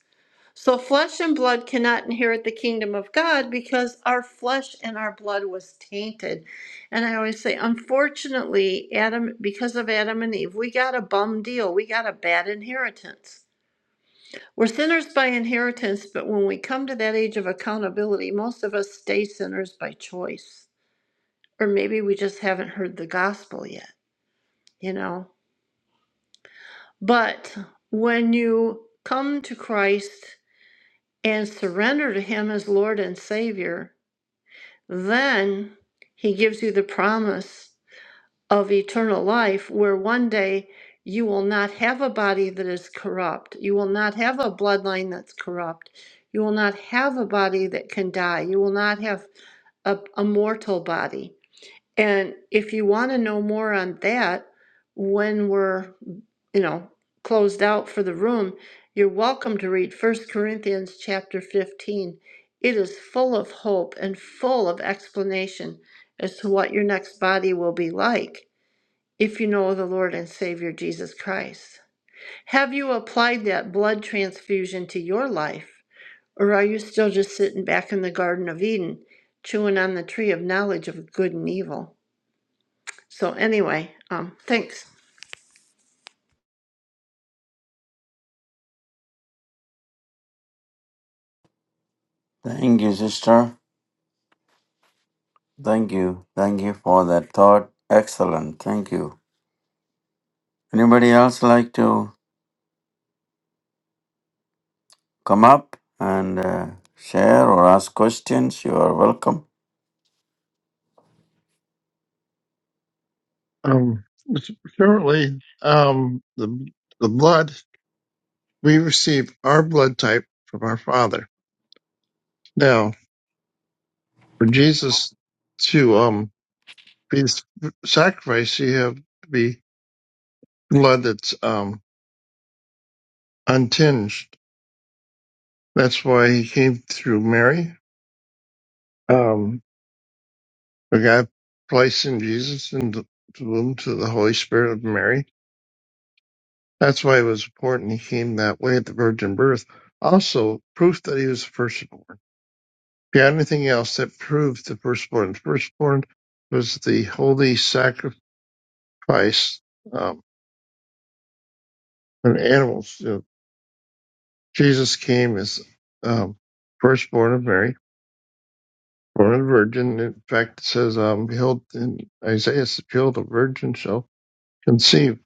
S6: So flesh and blood cannot inherit the kingdom of God because our flesh and our blood was tainted. And I always say, unfortunately, Adam, because of Adam and Eve, we got a bum deal. We got a bad inheritance. We're sinners by inheritance, but when we come to that age of accountability, most of us stay sinners by choice. Or maybe we just haven't heard the gospel yet, you know? But when you come to Christ and surrender to Him as Lord and Savior, Then he gives you the promise of eternal life, where one day you will not have a body that is corrupt. You will not have a bloodline that's corrupt. You will not have a body that can die. You will not have a, a mortal body. And if you want to know more on that, when we're, you know, closed out for the room, you're welcome to read First Corinthians chapter 15. It is full of hope and full of explanation as to what your next body will be like if you know the Lord and Savior Jesus Christ. Have you applied that blood transfusion to your life? Or are you still just sitting back in the Garden of Eden, chewing on the tree of knowledge of good and evil? So anyway, um, thanks.
S1: Thank you, sister. Thank you. Thank you for that thought. Excellent. Thank you. Anybody else like to come up and uh, share or ask questions? You are welcome.
S3: Um, currently, um, the the blood we receive our blood type from our father. Now. for Jesus to um be sacrificed, he have to be blood that's um untinged. That's why he came through Mary. Um, the God placed in Jesus in the womb to the Holy Spirit of Mary. That's why it was important he came that way at the virgin birth. Also, proof that he was the firstborn. Beyond anything else, that proved the firstborn. The firstborn was the holy sacrifice um, and animals. Jesus came as um, firstborn of Mary, born of a virgin. In fact, it says, um, "Behold," in Isaiah, it says, "Behold, a virgin shall conceive."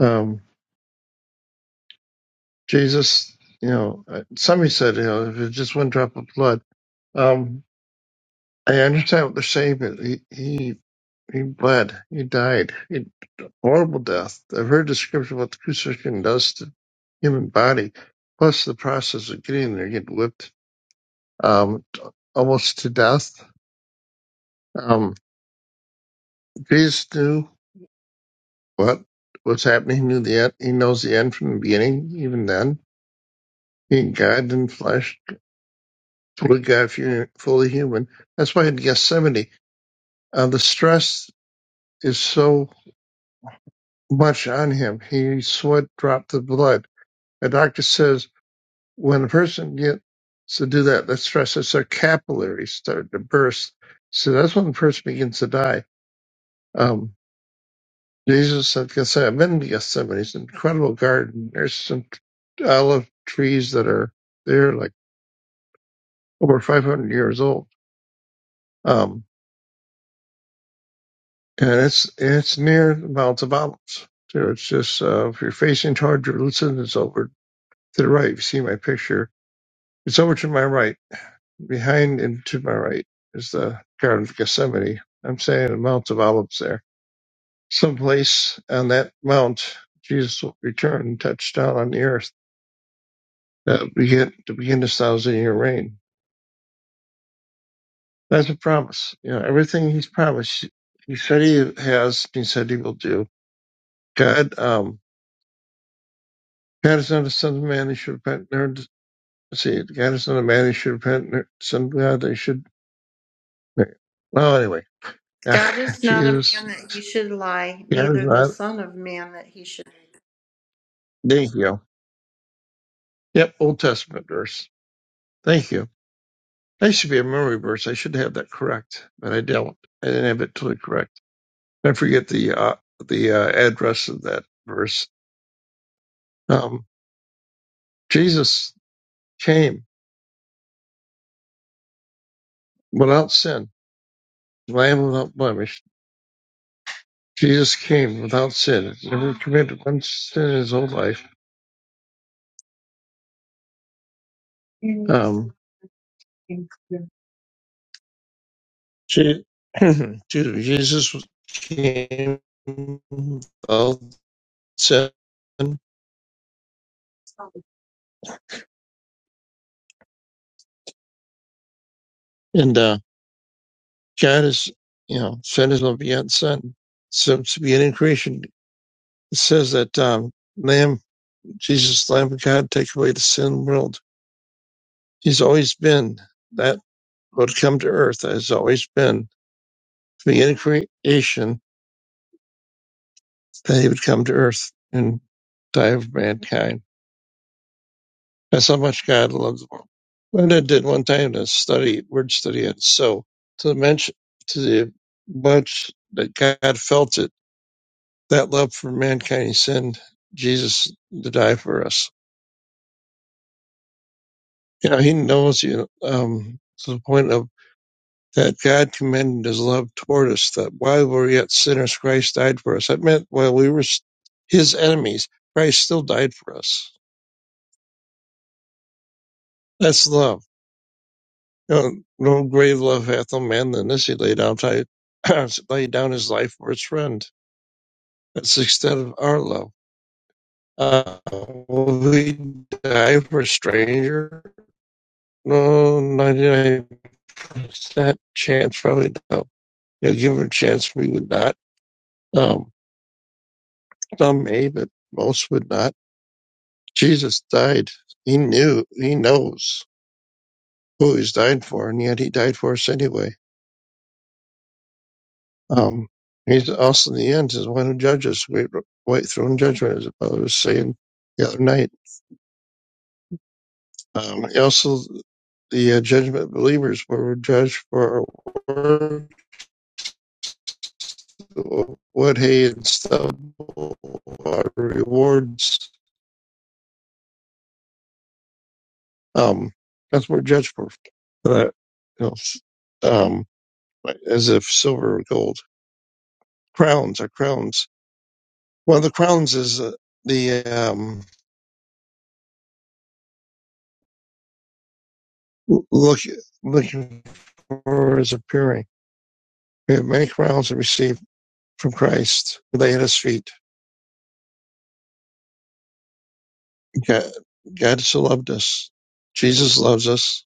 S3: Um, Jesus, you know, uh, somebody said, you know, if it's just one drop of blood. Um, I understand what they're saying, but he he he bled, he died, he, horrible death. I've heard description of what the crucifixion does to human body, plus the process of getting there, getting whipped um, almost to death. Um, Jesus knew what was happening. He knew the end. He knows the end from the beginning. Even then, being God in flesh, fully God, fu- fully human. That's why in Gethsemane, uh, the stress is so much on him. He sweat dropped the blood. A doctor says when a person gets to do that, that stress, it's their capillaries start to burst. So that's when the person begins to die. Um, Jesus at Gethsemane, I've been to Gethsemane. It's an incredible garden. There's some olive trees that are there, like over 500 years old. Um, and it's it's near the Mount of Olives. So it's just uh, if you're facing toward Jerusalem, it's over to the right. If you see my picture, it's over to my right. Behind and to my right is the Garden of Gethsemane. I'm saying the Mount of Olives there. Someplace on that mount, Jesus will return and touch down on the earth uh, begin to begin the thousand year reign. That's a promise. You know, everything he's promised, he said he has, he said he will do. God, um, God is not a son of man he should repent, nor does- see, God is not a man he should repent, nor son of God they should. Well, anyway,
S6: God is not a
S3: Jesus,
S6: man that he should lie,
S3: God is
S6: neither the
S3: not.
S6: son of man that he should.
S3: Thank you. Yep, Old Testament verse. Thank you. That should be a memory verse. I should have that correct, but I don't. I didn't have it totally correct. I forget the uh, the uh, address of that verse Um, Jesus came without sin, lamb without blemish. Jesus came without sin, never committed one sin in his whole life. Um, Je- excuse me, Jesus came without sin, and uh, God is, you know, sent his own begotten Son. So to be in creation, it says that um, Lamb, Jesus, Lamb of God, take away the sin of the world. He's always been that. would come to earth has always been from the end of creation that he would come to earth and die of mankind. That's how much God loves the world. Linda did one time a study, word study on so to mention to the much that God felt it, that love for mankind, he sent Jesus to die for us. You know, he knows you um, to the point of that God commended his love toward us, that while we were yet sinners, Christ died for us. That meant while we were his enemies, Christ still died for us. That's love. No, no grave love hath no man than this. He laid down, ti- down his life for his friend. That's the extent of our love. Uh, will we die for a stranger? No, 99% chance, probably no. You know, give it a chance, we would not. Um, some may, but most would not Jesus died. He knew, he knows who he's died for, and yet he died for us anyway. Um, he's also in the end is the one who judges. We wait throne judgment, as I was saying the other night. Um, also, the uh, judgment of believers were judged for our work, what hay and stubble, our rewards. Um, that's what we're judged for. But, you know, um, as if silver or gold. Crowns are crowns One of the crowns is uh, the um, look, looking for his appearing. We have many crowns to receive from Christ. who Lay at his feet. God, God so loved us. Jesus loves us.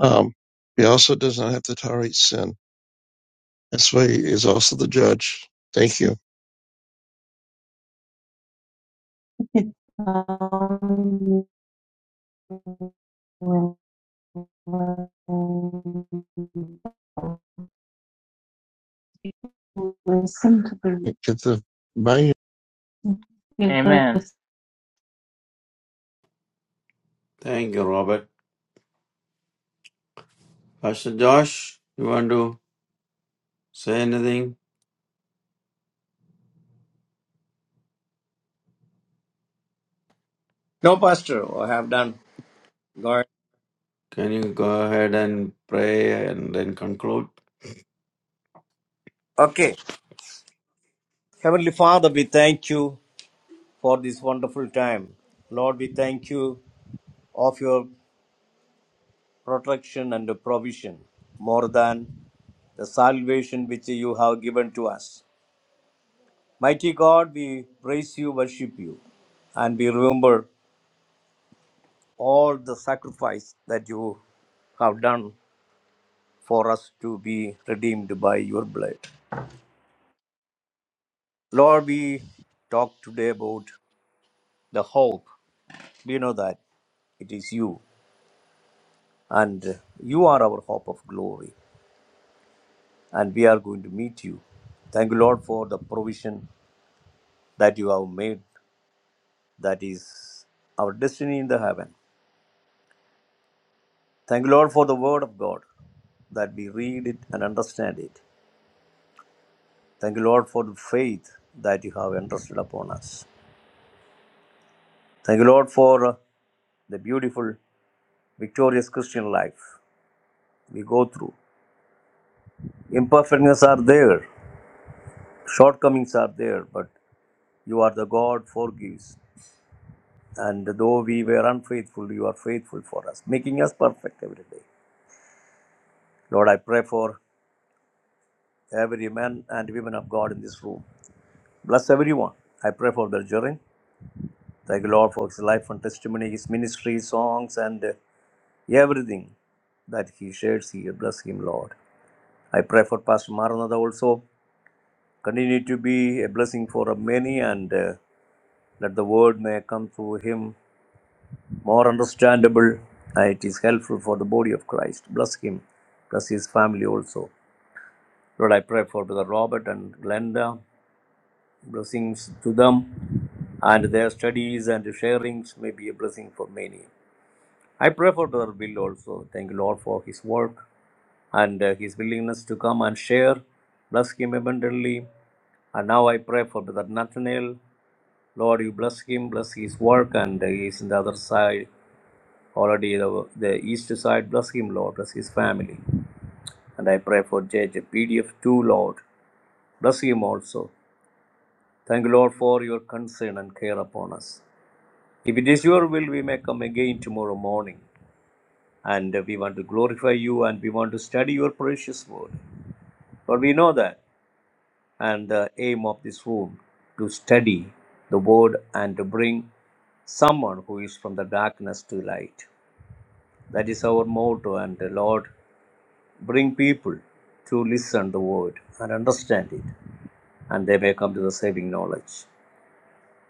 S3: Um, he also does not have to tolerate sin. That's why he is also the judge. Thank you. Listen to the Get the Bye. give
S2: Amen.
S3: us
S1: Thank you, Robert. Pastor Josh, you want to say anything?
S4: No, Pastor, I have done. God.
S1: Can you go ahead and pray and then conclude?
S4: Okay. Heavenly Father, we thank you for this wonderful time. Lord, we thank you of your protection and provision more than the salvation which you have given to us. Mighty God, we praise you, worship you, and we remember all the sacrifice that you have done for us to be redeemed by your blood. Lord, we talk today about the hope. We know that it is you, and you are our hope of glory, and we are going to meet you. Thank you, Lord, for the provision that you have made That is our destiny in the heaven. Thank you, Lord, for the word of God, that we read it and understand it. Thank you, Lord, for the faith that you have entrusted upon us. Thank you, Lord, for uh, the beautiful, victorious Christian life we go through. Imperfectness are there, shortcomings are there, but you are the God forgives. And though we were unfaithful, you are faithful for us, making us perfect every day. Lord, I pray for every man and woman of God in this room Bless everyone. I pray for Bergerin. Thank you, Lord, for his life and testimony, his ministry, songs, and uh, everything that he shares here. Bless him, Lord. I pray for Pastor Maranatha also. Continue to be a blessing for many, and uh, let the word may come through him more understandable. And it is helpful for the body of Christ. Bless him. Bless his family also. Lord, I pray for Brother Robert and Glenda. Blessings to them and their studies and sharings may be a blessing for many. I pray for Brother Bill also. Thank you, Lord, for his work and uh, his willingness to come and share. Bless him abundantly. And now I pray for Brother Nathaniel. Lord, you bless him, bless his work, and uh, he is in the other side, already the, the east side. Bless him, Lord, bless his family. And I pray for JJ PDF too, Lord. Bless him also. Thank you, Lord, for your concern and care upon us. If it is your will, we may come again tomorrow morning. And uh, we want to glorify you and we want to study your precious word. But we know that. And the aim of this room to study the word and to bring someone who is from the darkness to light. That is our motto. And the Lord, bring people to listen the word and understand it. And they may come to the saving knowledge.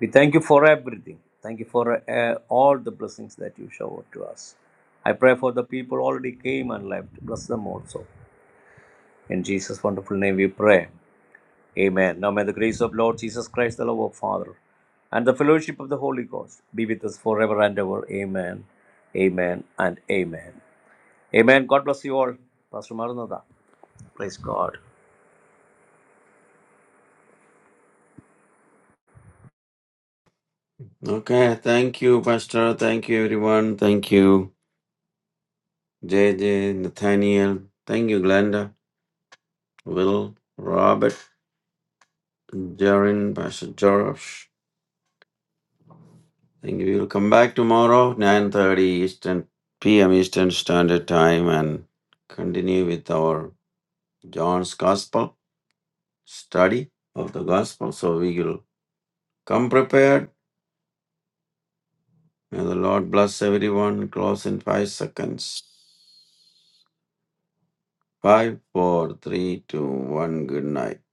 S4: We thank you for everything. Thank you for uh, all the blessings that you showered to us. I pray for the people already came and left. Bless them also. In Jesus' wonderful name we pray. Amen. Now may the grace of Lord Jesus Christ, the love of Father, and the fellowship of the Holy Ghost be with us forever and ever. Amen. Amen and amen. Amen. God bless you all. Pastor Maranatha. Praise God.
S1: Okay. Thank you, Pastor. Thank you, everyone. Thank you, JJ, Nathaniel. Thank you, Glenda, Will, Robert, Jaron, Pastor Josh. think we will come back tomorrow, 9.30 Eastern PM Eastern Standard Time and continue with our John's Gospel study of the Gospel. So we will come prepared. May the Lord bless everyone. Close in five seconds. Five, four, three, two, one. Good night.